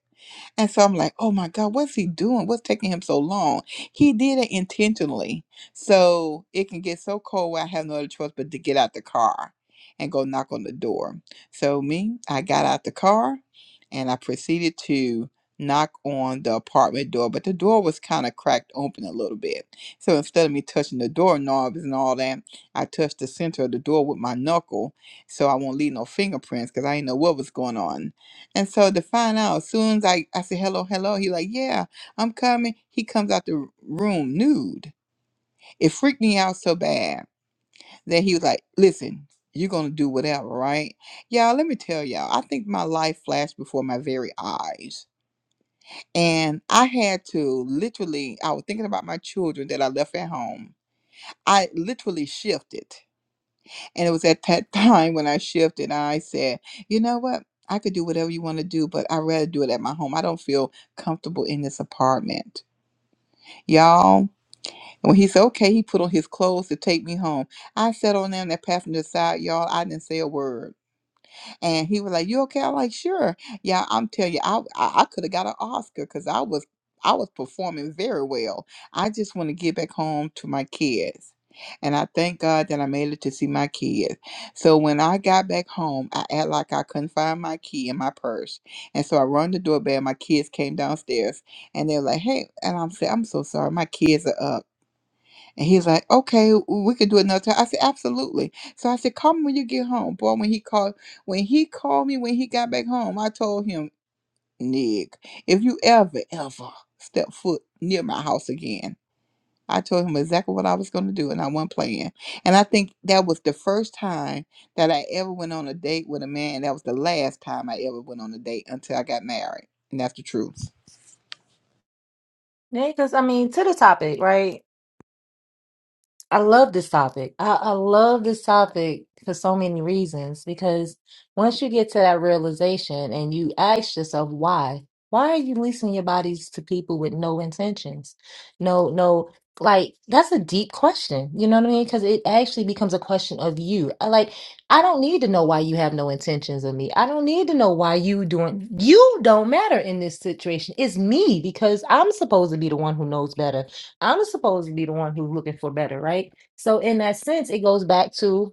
[SPEAKER 2] And so I'm like, oh my God, what's he doing? What's taking him so long? He did it intentionally. So it can get so cold where I have no other choice but to get out the car and go knock on the door. So me, I got out the car and I proceeded to knock on the apartment door, but the door was kind of cracked open a little bit. So instead of me touching the doorknobs and all that, I touched the center of the door with my knuckle so I won't leave no fingerprints because I didn't know what was going on. And so to find out, as soon as I, I said, hello, hello, he like, yeah, I'm coming. He comes out the room nude. It freaked me out so bad that he was like, listen, you're going to do whatever, right? Y'all, let me tell y'all, I think my life flashed before my very eyes. And I had to literally, I was thinking about my children that I left at home. I literally shifted And it was at that time when I shifted, I said, you know what? I could do whatever you want to do, but I'd rather do it at my home. I don't feel comfortable in this apartment. Y'all, and when he said, okay, he put on his clothes to take me home. I sat on there in that passenger side, y'all. I didn't say a word. And he was like, "You okay?" I'm like, "Sure." Yeah, I'm telling you, I I, I could have got an Oscar because I was I was performing very well. I just want to get back home to my kids. And I thank God that I made it to see my kids. So when I got back home, I act like I couldn't find my key in my purse. And so I run the doorbell. My kids came downstairs and they were like, hey. And I'm saying, I'm so sorry. My kids are up. And he's like, okay, we could do it another time. I said, absolutely. So I said, call me when you get home. Boy, when he called, when he called me when he got back home, I told him, Nick, if you ever, ever step foot near my house again, I told him exactly what I was going to do, and I wasn't playing. And I think that was the first time that I ever went on a date with a man. And That was the last time I ever went on a date until I got married. And that's the truth.
[SPEAKER 4] yeah because i mean to the topic right I love this topic. I, I love this topic for so many reasons because once you get to that realization and you ask yourself why, why are you leasing your bodies to people with no intentions? No, no, like that's a deep question. You know what I mean? Because it actually becomes a question of you. I- Like, I don't need to know why you have no intentions of me. I don't need to know why you doing, you don't matter in this situation. It's me because I'm supposed to be the one who knows better. I'm supposed to be the one who's looking for better, right? So in that sense, it goes back to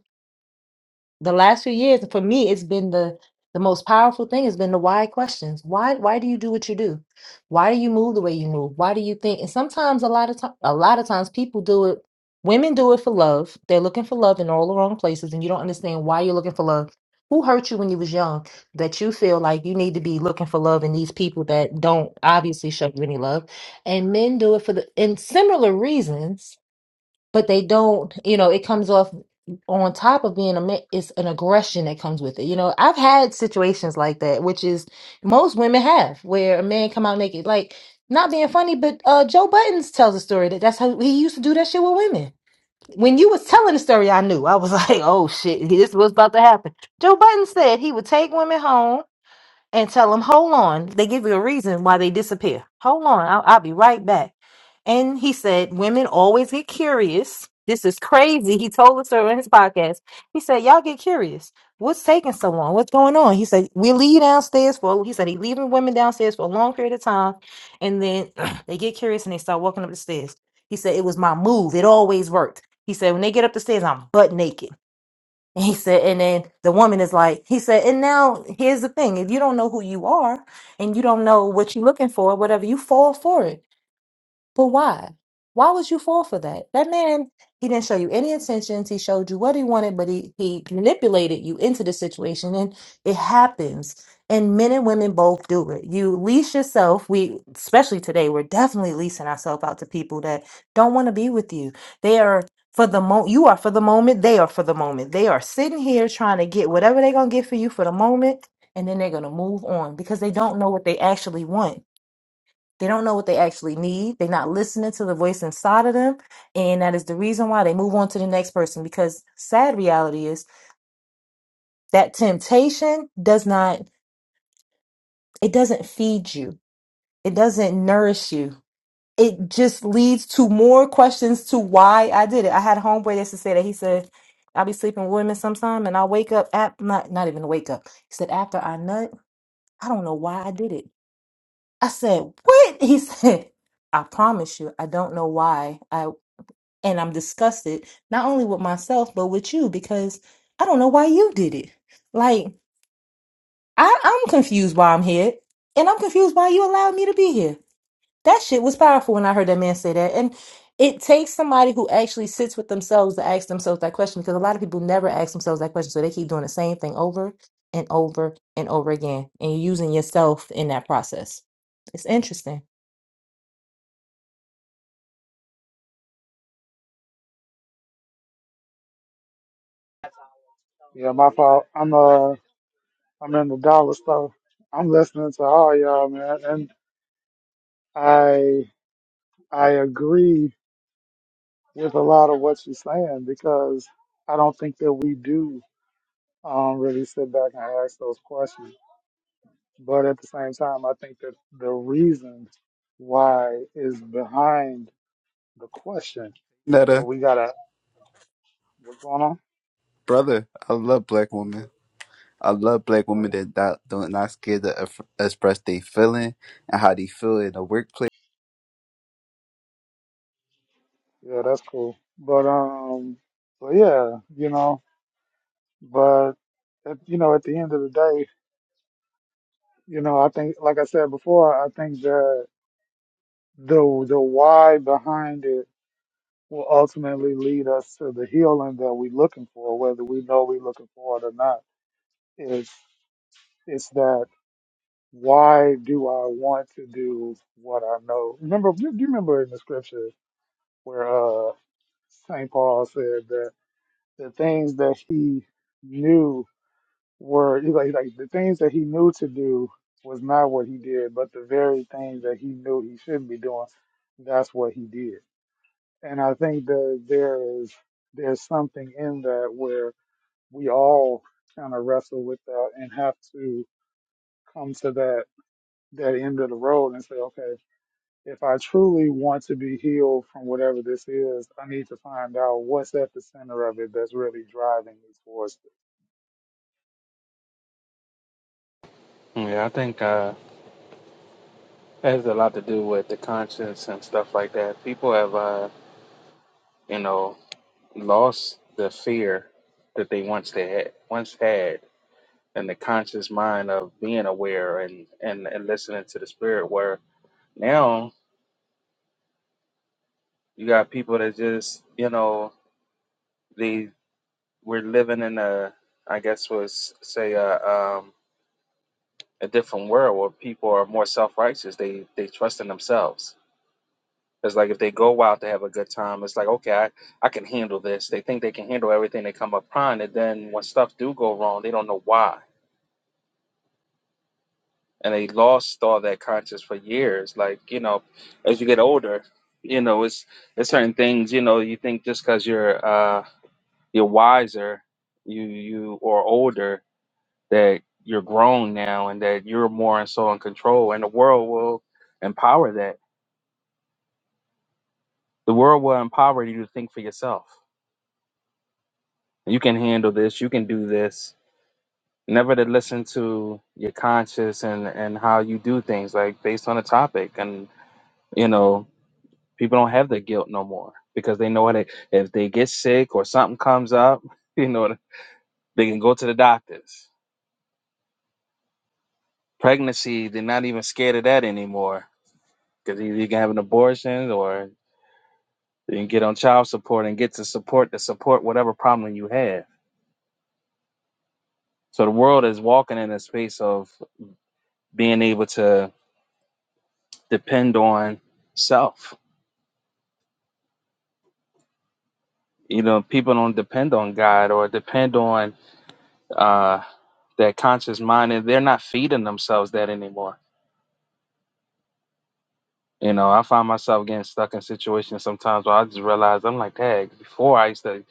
[SPEAKER 4] the last few years for me it's been the the most powerful thing has been the why questions why why do you do what you do why do you move the way you move why do you think and sometimes a lot of time a lot of times people do it women do it for love they're looking for love in all the wrong places and you don't understand why you're looking for love who hurt you when you was young that you feel like you need to be looking for love in these people that don't obviously show you any love and men do it for the and similar reasons but they don't you know it comes off on top of being a ma- it's an aggression that comes with it you know i've had situations like that which is most women have where a man come out naked like not being funny but uh joe buttons tells a story that that's how he used to do that shit with women when you was telling the story i knew i was like oh shit this was about to happen joe Button said he would take women home and tell them, hold on. They give you a reason why they disappear. Hold on, I'll, I'll be right back. And he said, women always get curious. This is crazy. He told us so in his podcast. He said, y'all get curious. What's taking so long? What's going on? He said, we leave downstairs for, he said, he leaving women downstairs for a long period of time. And then they get curious and they start walking up the stairs. He said, it was my move. It always worked. He said, when they get up the stairs, I'm butt naked. And he said, and then the woman is like, he said, and now here's the thing. If you don't know who you are and you don't know what you're looking for, whatever, you fall for it. But why? Why would you fall for that? That man, he didn't show you any intentions. He showed you what he wanted, but he, he manipulated you into the situation. And it happens. And men and women both do it. You lease yourself. We, especially today, we're definitely leasing ourselves out to people that don't want to be with you. They are for the moment. You are for the moment. They are for the moment. They are sitting here trying to get whatever they're going to get for you for the moment. And then they're going to move on because they don't know what they actually want they don't know what they actually need. They're not listening to the voice inside of them. And that is the reason why they move on to the next person because sad reality is that temptation does not, it doesn't feed you. It doesn't nourish you. It just leads to more questions to why I did it. I had a homeboy that used to say that he said, I'll be sleeping with women sometime and I'll wake up at not not even wake up. He said, after I nut, I don't know why I did it. I said, What? He said, I promise you, I don't know why. I." and I'm disgusted not only with myself but with you because I don't know why you did it. Like I, I'm confused why I'm here, and I'm confused why you allowed me to be here. That shit was powerful when I heard that man say that, and it takes somebody who actually sits with themselves to ask themselves that question because a lot of people never ask themselves that question, so they keep doing the same thing over and over and over again, and you're using yourself in that process. It's interesting.
[SPEAKER 1] Yeah, my fault. I'm uh I'm in the dollar store. I'm listening to all y'all, man, and I I agree with a lot of what you're saying because I don't think that we do um really sit back and ask those questions. But at the same time, I think that the reason why is behind the question. But
[SPEAKER 5] Netta,
[SPEAKER 1] we gotta, what's going on?
[SPEAKER 5] brother, I love black
[SPEAKER 1] Yeah,
[SPEAKER 5] women. I love black women
[SPEAKER 1] Um,
[SPEAKER 5] that not, don't not scared to eff- express their feeling and how they feel in the workplace.
[SPEAKER 1] yeah, that's cool. But um, so yeah, you know, but at, you know, at the end of the day, you know, I think, like I said before, I think that the the why behind it will ultimately lead us to the healing that we're looking for, whether we know we're looking for it or not. Is it's that why do I want to do what I know? Remember, do you remember in the scripture where uh, Saint Paul said that the things that he knew were he's like, he's like the things that he knew to do was not what he did, but the very things that he knew he shouldn't be doing, that's what he did. And I think that there is there's something in that where we all kind of wrestle with that and have to come to that that end of the road and say, okay If I truly want to be healed from whatever this is, I need to find out what's at the center of it that's really driving me towards it.
[SPEAKER 3] Yeah. I think uh, it has a lot to do with the conscience and stuff like that. People have, uh, you know, lost the fear that they once they had once had, and the conscious mind of being aware and and and listening to the spirit. Where now you got people that just, you know, they we're living in a, I guess was say a. um, a different world where people are more self righteous. They they trust in themselves. It's like if they go out to have a good time, it's like okay, I, I can handle this. They think they can handle everything they come upon, and then when stuff do go wrong, they don't know why, and they lost all that conscience for years. Like you know, as you get older, you know it's it's certain things. You know, you think just because you're uh you're wiser, you you or older that you're grown now and that you're more and so in control, and the world will empower that The world will empower you to think for yourself. You can handle this. You can do this. Never to listen to your conscience and and how you do things, like based on a topic. And you know, people don't have the guilt no more because they know what it, if they get sick or something comes up, you know, they can go to the doctors. Pregnancy, they're not even scared of that anymore because either you can have an abortion or you can get on child support and get to support to support whatever problem you have. So the world is walking in a space of being able to depend on self. You know, people don't depend on God or depend on uh, that conscious mind, and they're not feeding themselves that anymore. You know, I find myself getting stuck in situations sometimes where I just realize I'm like, hey, before I used to,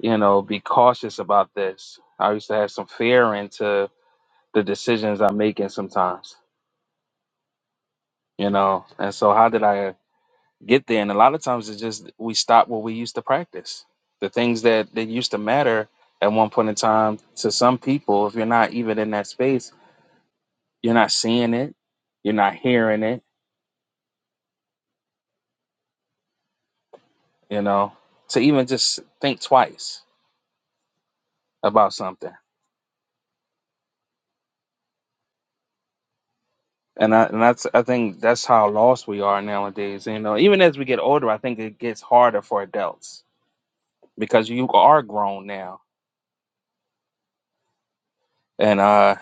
[SPEAKER 3] you know, be cautious about this. I used to have some fear into the decisions I'm making sometimes, you know. And so, how did I get there. And a lot of times it's just we stop what we used to practice. The things that, that used to matter at one point in time to some people, if you're not even in that space, you're not seeing it, you're not hearing it, you know, to even just think twice about something. And I, and that's I think that's how lost we are nowadays. You know, even as we get older, I think it gets harder for adults because you are grown now, and uh,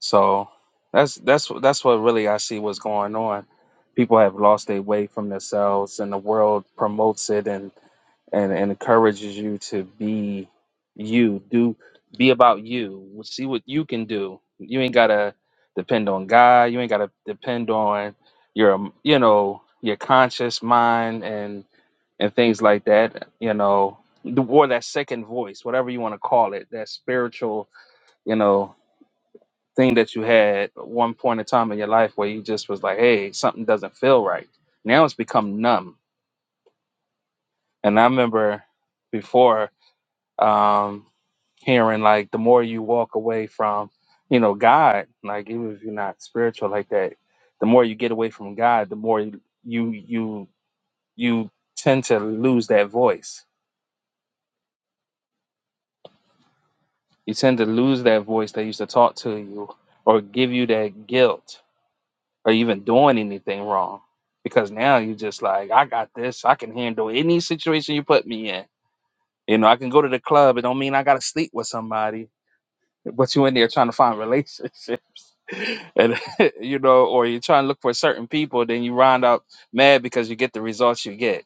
[SPEAKER 3] So that's that's that's what really I see what's going on. People have lost their way from themselves, and the world promotes it and and, and encourages you to be you, do be about you, see what you can do. You ain't gotta depend on God. You ain't gotta depend on your you know your conscious mind and and things like that. You know, the- or that second voice, whatever you want to call it, that spiritual. You know thing that you had at one point in time in your life where you just was like, hey, something doesn't feel right. Now it's become numb. And I remember before um, hearing like the more you walk away from, you know, God, like even if you're not spiritual like that, the more you get away from God, the more you you you tend to lose that voice. You tend to lose that voice that used to talk to you or give you that guilt or even doing anything wrong. Because now you just like, I got this. I can handle any situation you put me in. You know, I can go to the club. It don't mean I gotta sleep with somebody. But you in there trying to find relationship, and you know, or you're trying to look for certain people. Then you round up mad because you get the results you get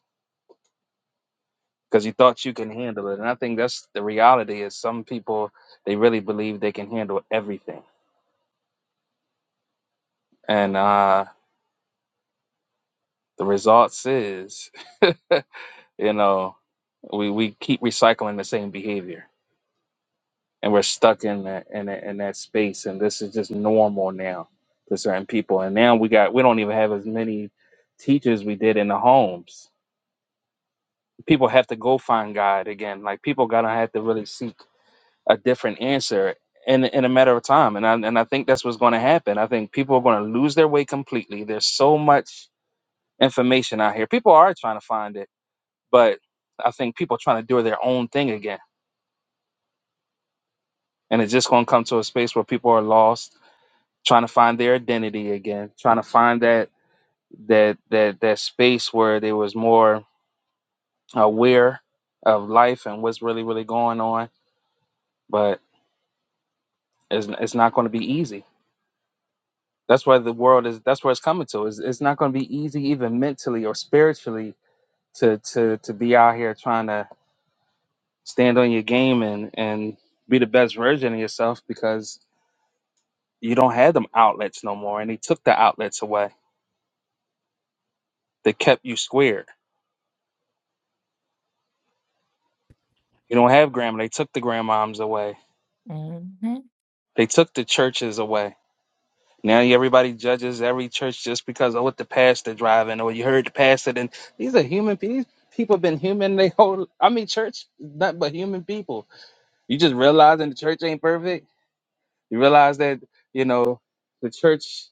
[SPEAKER 3] because you thought you can handle it. And I think that's the reality. Is some people they really believe they can handle everything, and uh, the results is You know, we we keep recycling the same behavior, and we're stuck in that in that, in that space. And this is just normal now to certain people. And now we got we don't even have as many teachers we did in the homes. People have to go find God again. Like people gotta have to really seek a different answer in in a matter of time. And I, and I think that's what's going to happen. I think people are going to lose their way completely. There's so much information out here. People are trying to find it, but I think people are trying to do their own thing again and it's just going to come to a space where people are lost trying to find their identity again trying to find that that that that space where they was more aware of life and what's really really going on but it's, it's not going to be easy that's where the world is that's where it's coming to it's, it's not going to be easy even mentally or spiritually to to to be out here trying to stand on your game and and be the best version of yourself because you don't have them outlets no more and they took the outlets away they kept you squared You don't have grandma. They took the grandmoms away.
[SPEAKER 4] hmm
[SPEAKER 3] They took the churches away. Now everybody judges every church just because of what the pastor driving or you heard the pastor. And these are human people. People been human. They whole. I mean, church is nothing but human people. You just realizing the church ain't perfect. You realize that you know the church.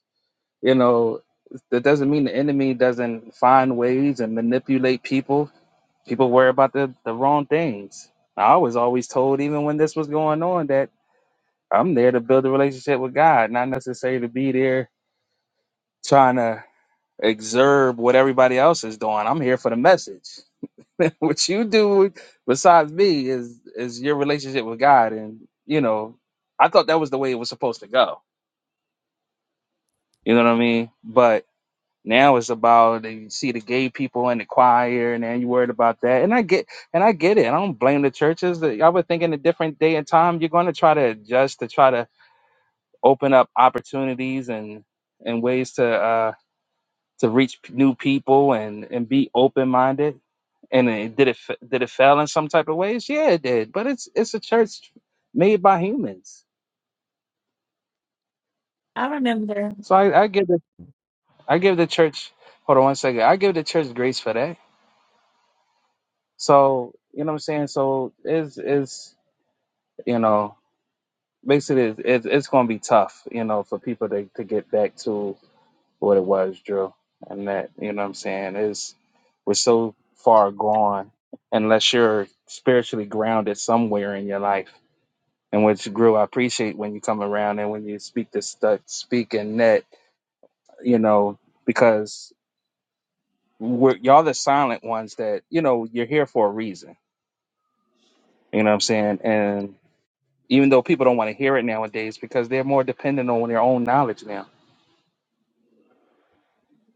[SPEAKER 3] You know that doesn't mean the enemy doesn't find ways and manipulate people. People worry about the the wrong things. I was always told, even when this was going on, that I'm there to build a relationship with God, not necessarily to be there trying to exurb what everybody else is doing. I'm here for the message. what you do besides me is is your relationship with God, and you know, I thought that was the way it was supposed to go. You know what I mean? But now it's about you see the gay people in the choir, and then you worried about that. And I get and I get it. I don't blame the churches. I would think in a different day and time, you're going to try to adjust to try to open up opportunities and and ways to uh, to reach p- new people and and be open minded. And it, did it f- did it fail in some type of ways? Yeah, it did. But it's it's a church made by humans,
[SPEAKER 4] I remember.
[SPEAKER 3] so I, I give the I give the church. Hold on one second. I give the church grace for that. So you know what I'm saying. So is is you know basically it's, it's, it's going to be tough, you know, for people to, to get back to what it was, Drew. And that, you know what I'm saying, is we're so far gone unless you're spiritually grounded somewhere in your life. And which Drew, I appreciate when you come around and when you speak this stuff, speak and net, you know, because we're, y'all the silent ones that, you know, you're here for a reason. You know what I'm saying? And even though people don't want to hear it nowadays because they're more dependent on their own knowledge now.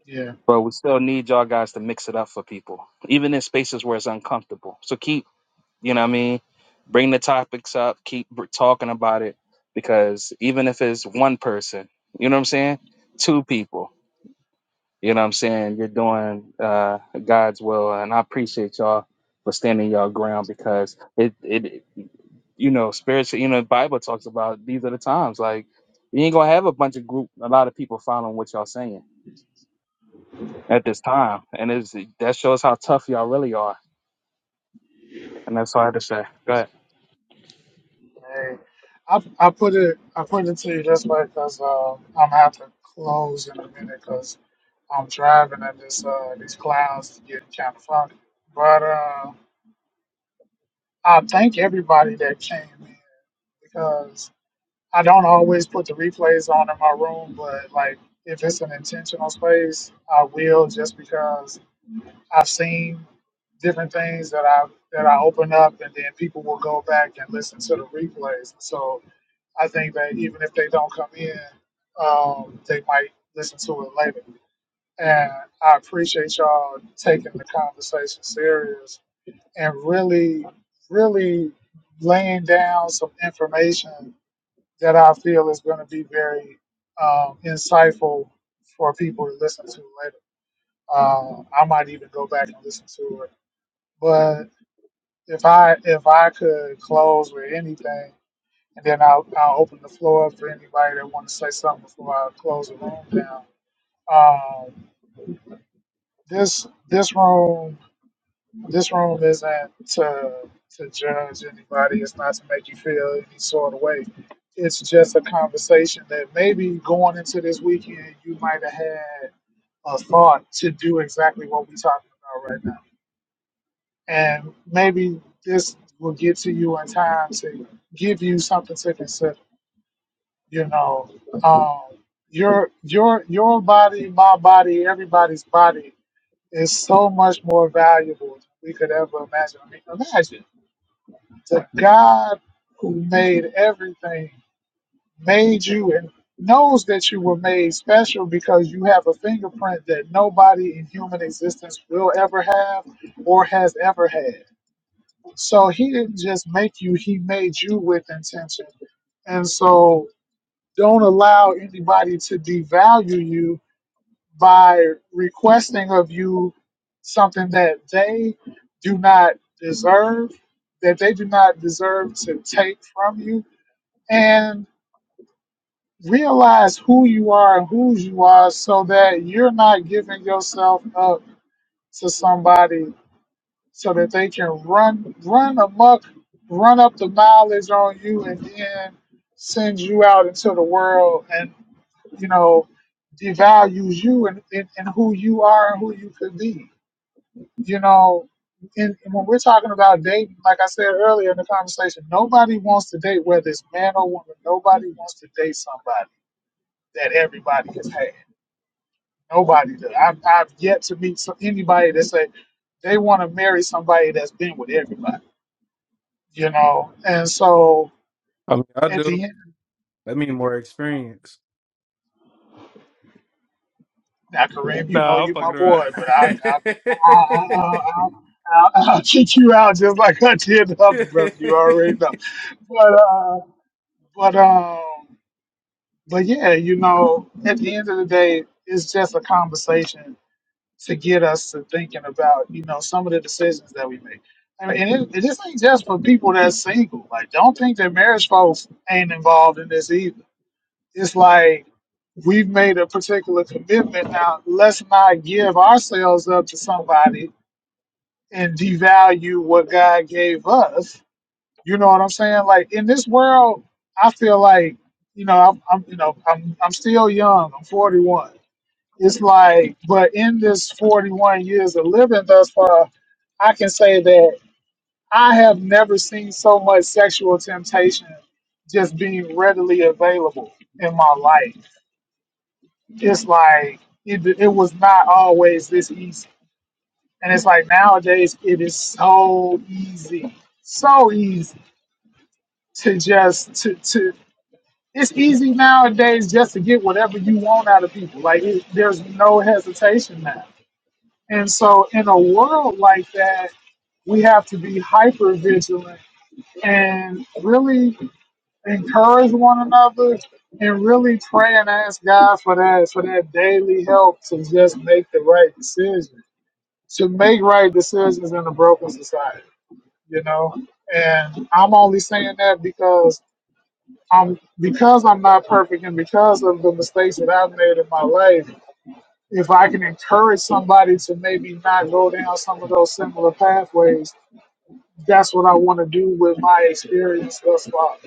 [SPEAKER 1] Yeah.
[SPEAKER 3] But we still need y'all guys to mix it up for people, even in spaces where it's uncomfortable. So keep You know what I mean? Bring the topics up, keep br- talking about it because even if it's one person, you know what I'm saying? Two people, you know what I'm saying? You're doing uh, God's will. And I appreciate y'all for standing your ground because it, it, you know, spiritual, you know, the Bible talks about these are the times. Like, you ain't gonna have a bunch of group, a lot of people following what y'all saying at this time. And it's, that shows how tough y'all really are. And that's all I had to say. Go ahead.
[SPEAKER 1] Hey, I, I put it I put it to you this way because uh, I'm gonna have to close in a minute because I'm driving and this uh, these clouds getting kind of funky. But uh, I thank everybody that came in because I don't always put the replays on in my room, but like if it's an intentional space, I will just because. I've seen different things that I that I open up, and then people will go back and listen to the replays. So I think that even if they don't come in, um, they might listen to it later. And I appreciate y'all taking the conversation serious and really, really laying down some information that I feel is going to be very um, insightful for people to listen to later. Uh, I might even go back and listen to it but if I if I could close with anything, and then I'll I'll open the floor up for anybody that want to say something before I close the room down. Um, this this room this room isn't to to judge anybody. It's not to make you feel any sort of way. It's just a conversation that maybe going into this weekend you might have had a thought to do exactly what we're talking about right now and maybe this will get to you in time to give you something to consider. You know, um, your your your body, my body, everybody's body is so much more valuable than we could ever imagine. I mean, imagine the God who made everything made you and knows that you were made special because you have a fingerprint that nobody in human existence will ever have or has ever had So he didn't just make you, he made you with intention. And so don't allow anybody to devalue you by requesting of you something that they do not deserve, that they do not deserve to take from you. And realize who you are and whose you are so that you're not giving yourself up to somebody so that they can run run amok, run up the mileage on you, and then sends you out into the world and you know devalues you and, and, and who you are and who you could be. You know, and when we're talking about dating, like I said earlier in the conversation, nobody wants to date whether it's man or woman. Nobody wants to date somebody that everybody has had. Nobody does. I've, I've yet to meet some, anybody that say they want to marry somebody that's been with everybody you know. And so
[SPEAKER 6] I mean, I
[SPEAKER 1] at
[SPEAKER 6] do.
[SPEAKER 1] the end,
[SPEAKER 6] That mean more experience.
[SPEAKER 1] now Kareem, you know
[SPEAKER 6] Nah, I'm
[SPEAKER 1] you
[SPEAKER 6] fucking
[SPEAKER 1] my
[SPEAKER 6] around.
[SPEAKER 1] boy, but I I I I I I I'll kick you out just like I did the other brother. You already know, but uh, but um, but yeah, you know, at the end of the day, it's just a conversation to get us to thinking about you know some of the decisions that we make. And and it, this ain't just for people that's single. Like, don't think that marriage folks ain't involved in this either it's like we've made a particular commitment now let's not give ourselves up to somebody and devalue what god gave us you know what i'm saying like in this world i feel like you know i'm, I'm you know I'm, I'm still young i'm 41 it's like but in this 41 years of living thus far i can say that i have never seen so much sexual temptation just being readily available in my life it's like it, it was not always this easy. And it's like nowadays it is so easy, so easy to just to to. It's easy nowadays just to get whatever you want out of people. Like it, there's no hesitation now. And so in a world like that, we have to be hyper vigilant and really encourage one another and really pray and ask God for that for that daily help to just make the right decision. To make right decisions in a broken society, you know? And I'm only saying that because I'm because I'm not perfect and because of the mistakes that I've made in my life, if I can encourage somebody to maybe not go down some of those similar pathways, that's what I want to do with my experience thus far.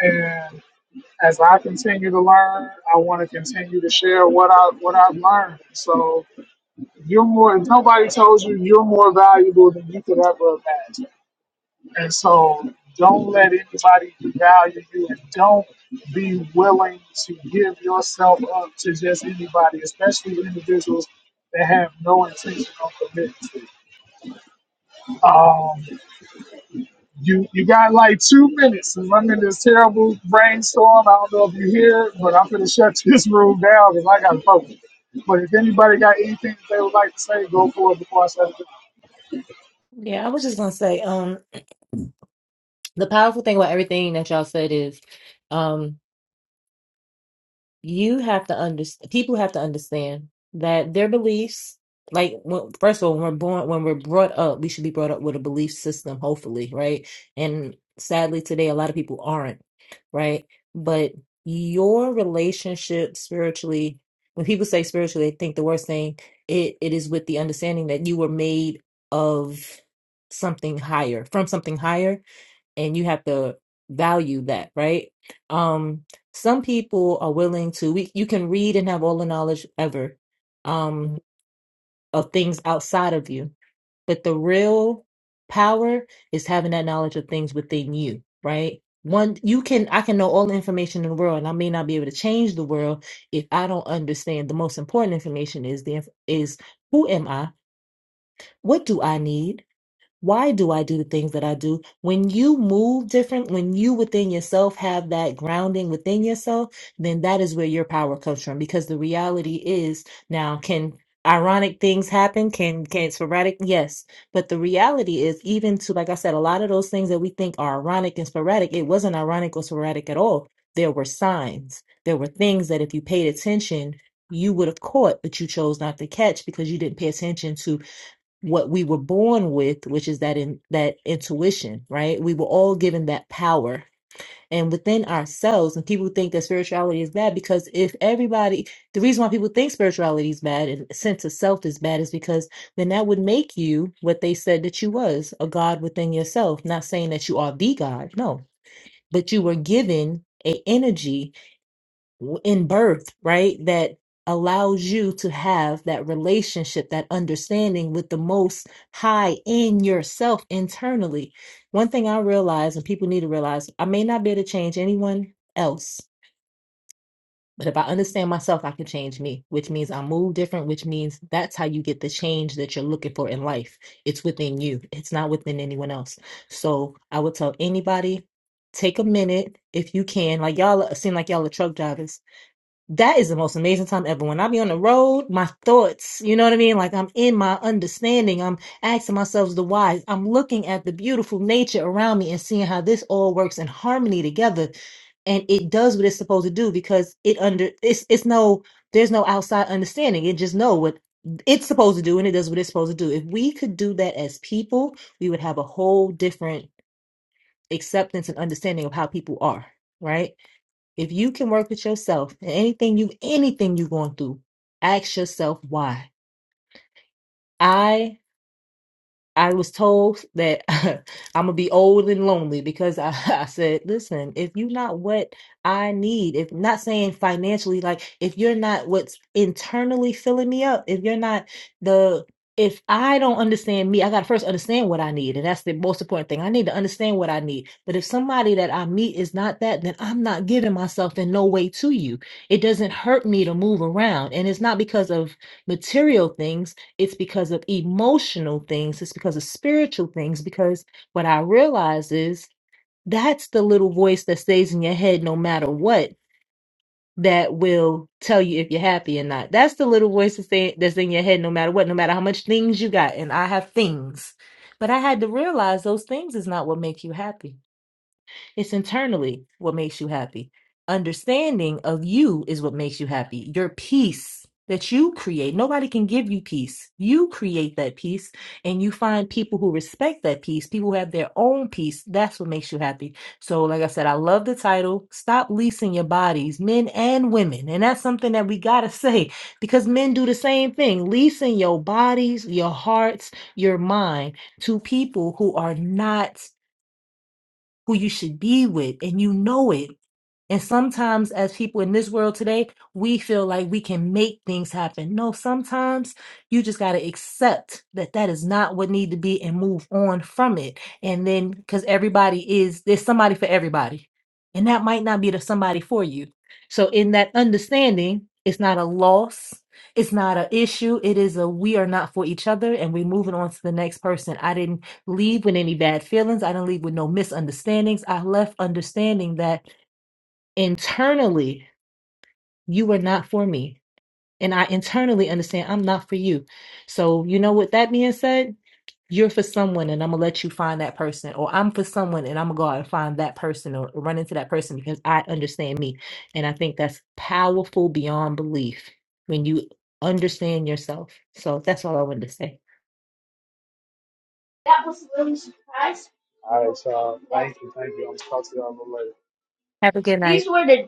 [SPEAKER 1] and. as I continue to learn, I want to continue to share what I what I've learned. So you're more. If nobody tells you you're more valuable than you could ever imagine, and so don't let anybody devalue you, and don't be willing to give yourself up to just anybody, especially individuals that have no intention of committing. You you got like two minutes, and I'm in this terrible brainstorm. I don't know if you hear it, but I'm gonna shut this room down because I gotta focus. But if anybody got anything that they would like to say, go for it before I shut it down.
[SPEAKER 4] Yeah, I was just gonna say. Um, the powerful thing about everything that y'all said is um you have to understand people have to understand that their beliefs like when, first of all when we're born when we're brought up we should be brought up with a belief system hopefully right and sadly today a lot of people aren't right but your relationship spiritually when people say spiritually they think the worst thing it, it is with the understanding that you were made of something higher from something higher and you have to value that right um some people are willing to we, you can read and have all the knowledge ever um of things outside of you but the real power is having that knowledge of things within you right one you can i can know all the information in the world and i may not be able to change the world if i don't understand the most important information is the inf- is who am i what do i need why do I do the things that I do? When you move different, when you within yourself have that grounding within yourself, then that is where your power comes from. Because the reality is now, can ironic things happen? Can can sporadic? Yes. But the reality is, even to like I said, a lot of those things that we think are ironic and sporadic, it wasn't ironic or sporadic at all. There were signs. There were things that if you paid attention, you would have caught, but you chose not to catch because you didn't pay attention to what we were born with, which is that in that intuition, right? We were all given that power. And within ourselves, and people think that spirituality is bad because if everybody, the reason why people think spirituality is bad and sense of self is bad is because then that would make you what they said that you was a God within yourself. Not saying that you are the God, no, but you were given a energy w- in birth, right? That allows you to have that relationship, that understanding with the most high in yourself internally. One thing I realize, and people need to realize, I may not be able to change anyone else, but if I understand myself, I can change me, which means I move different, which means that's how you get the change that you're looking for in life. It's within you, it's not within anyone else. So I would tell anybody, take a minute if you can. Like y'all seem like y'all are truck drivers that is the most amazing time ever. When I be on the road, my thoughts, you know what I mean? Like I'm in my understanding. I'm asking myself the why. I'm looking at the beautiful nature around me and seeing how this all works in harmony together. And it does what it's supposed to do because it under it's it's no there's no outside understanding. It just know what it's supposed to do and it does what it's supposed to do. If we could do that as people, we would have a whole different acceptance and understanding of how people are, right? If you can work with yourself and anything you anything you going through, ask yourself why. I I was told that I'm gonna be old and lonely because I, I said, listen, if you're not what I need, if not saying financially, like if you're not what's internally filling me up, if you're not the if I don't understand me, I gotta first understand what I need. And that's the most important thing. I need to understand what I need. But if somebody that I meet is not that, then I'm not giving myself in no way to you. It doesn't hurt me to move around. And it's not because of material things it's because of emotional things it's because of spiritual things because what i realize is that's the little voice that stays in your head no matter what that will tell you if you're happy or not that's the little voice that's in that's in your head no matter what no matter how much things you got and i have things but i had to realize those things is not what make you happy it's internally what makes you happy. Understanding of you is what makes you happy. Your peace that you create. Nobody can give you peace. You create that peace and you find people who respect that peace, people who have their own peace. That's what makes you happy. So, like I said, I love the title. Stop leasing your bodies, men and women. And that's something that we got to say because men do the same thing leasing your bodies, your hearts, your mind to people who are not who you should be with, and you know it. And sometimes, as people in this world today, we feel like we can make things happen. No, sometimes you just got to accept that that is not what need to be and move on from it. And then, because everybody is, there's somebody for everybody. And that might not be the somebody for you. So, in that understanding, it's not a loss. It's not an issue. It is a we are not for each other and we're moving on to the next person. I didn't leave with any bad feelings. I didn't leave with no misunderstandings. I left understanding that internally you were not for me. And I internally understand I'm not for you. So, you know, with that being said, you're for someone and I'm going to let you find that person, or I'm for someone and I'm going to go out and find that person or run into that person because I understand me. And I think that's powerful beyond belief when you understand yourself. So that's all I wanted to say.
[SPEAKER 1] That was really surprised. All right, y'all. Thank you, thank you. I'm gonna talk to y'all a little later.
[SPEAKER 4] Have a good night.
[SPEAKER 1] These were the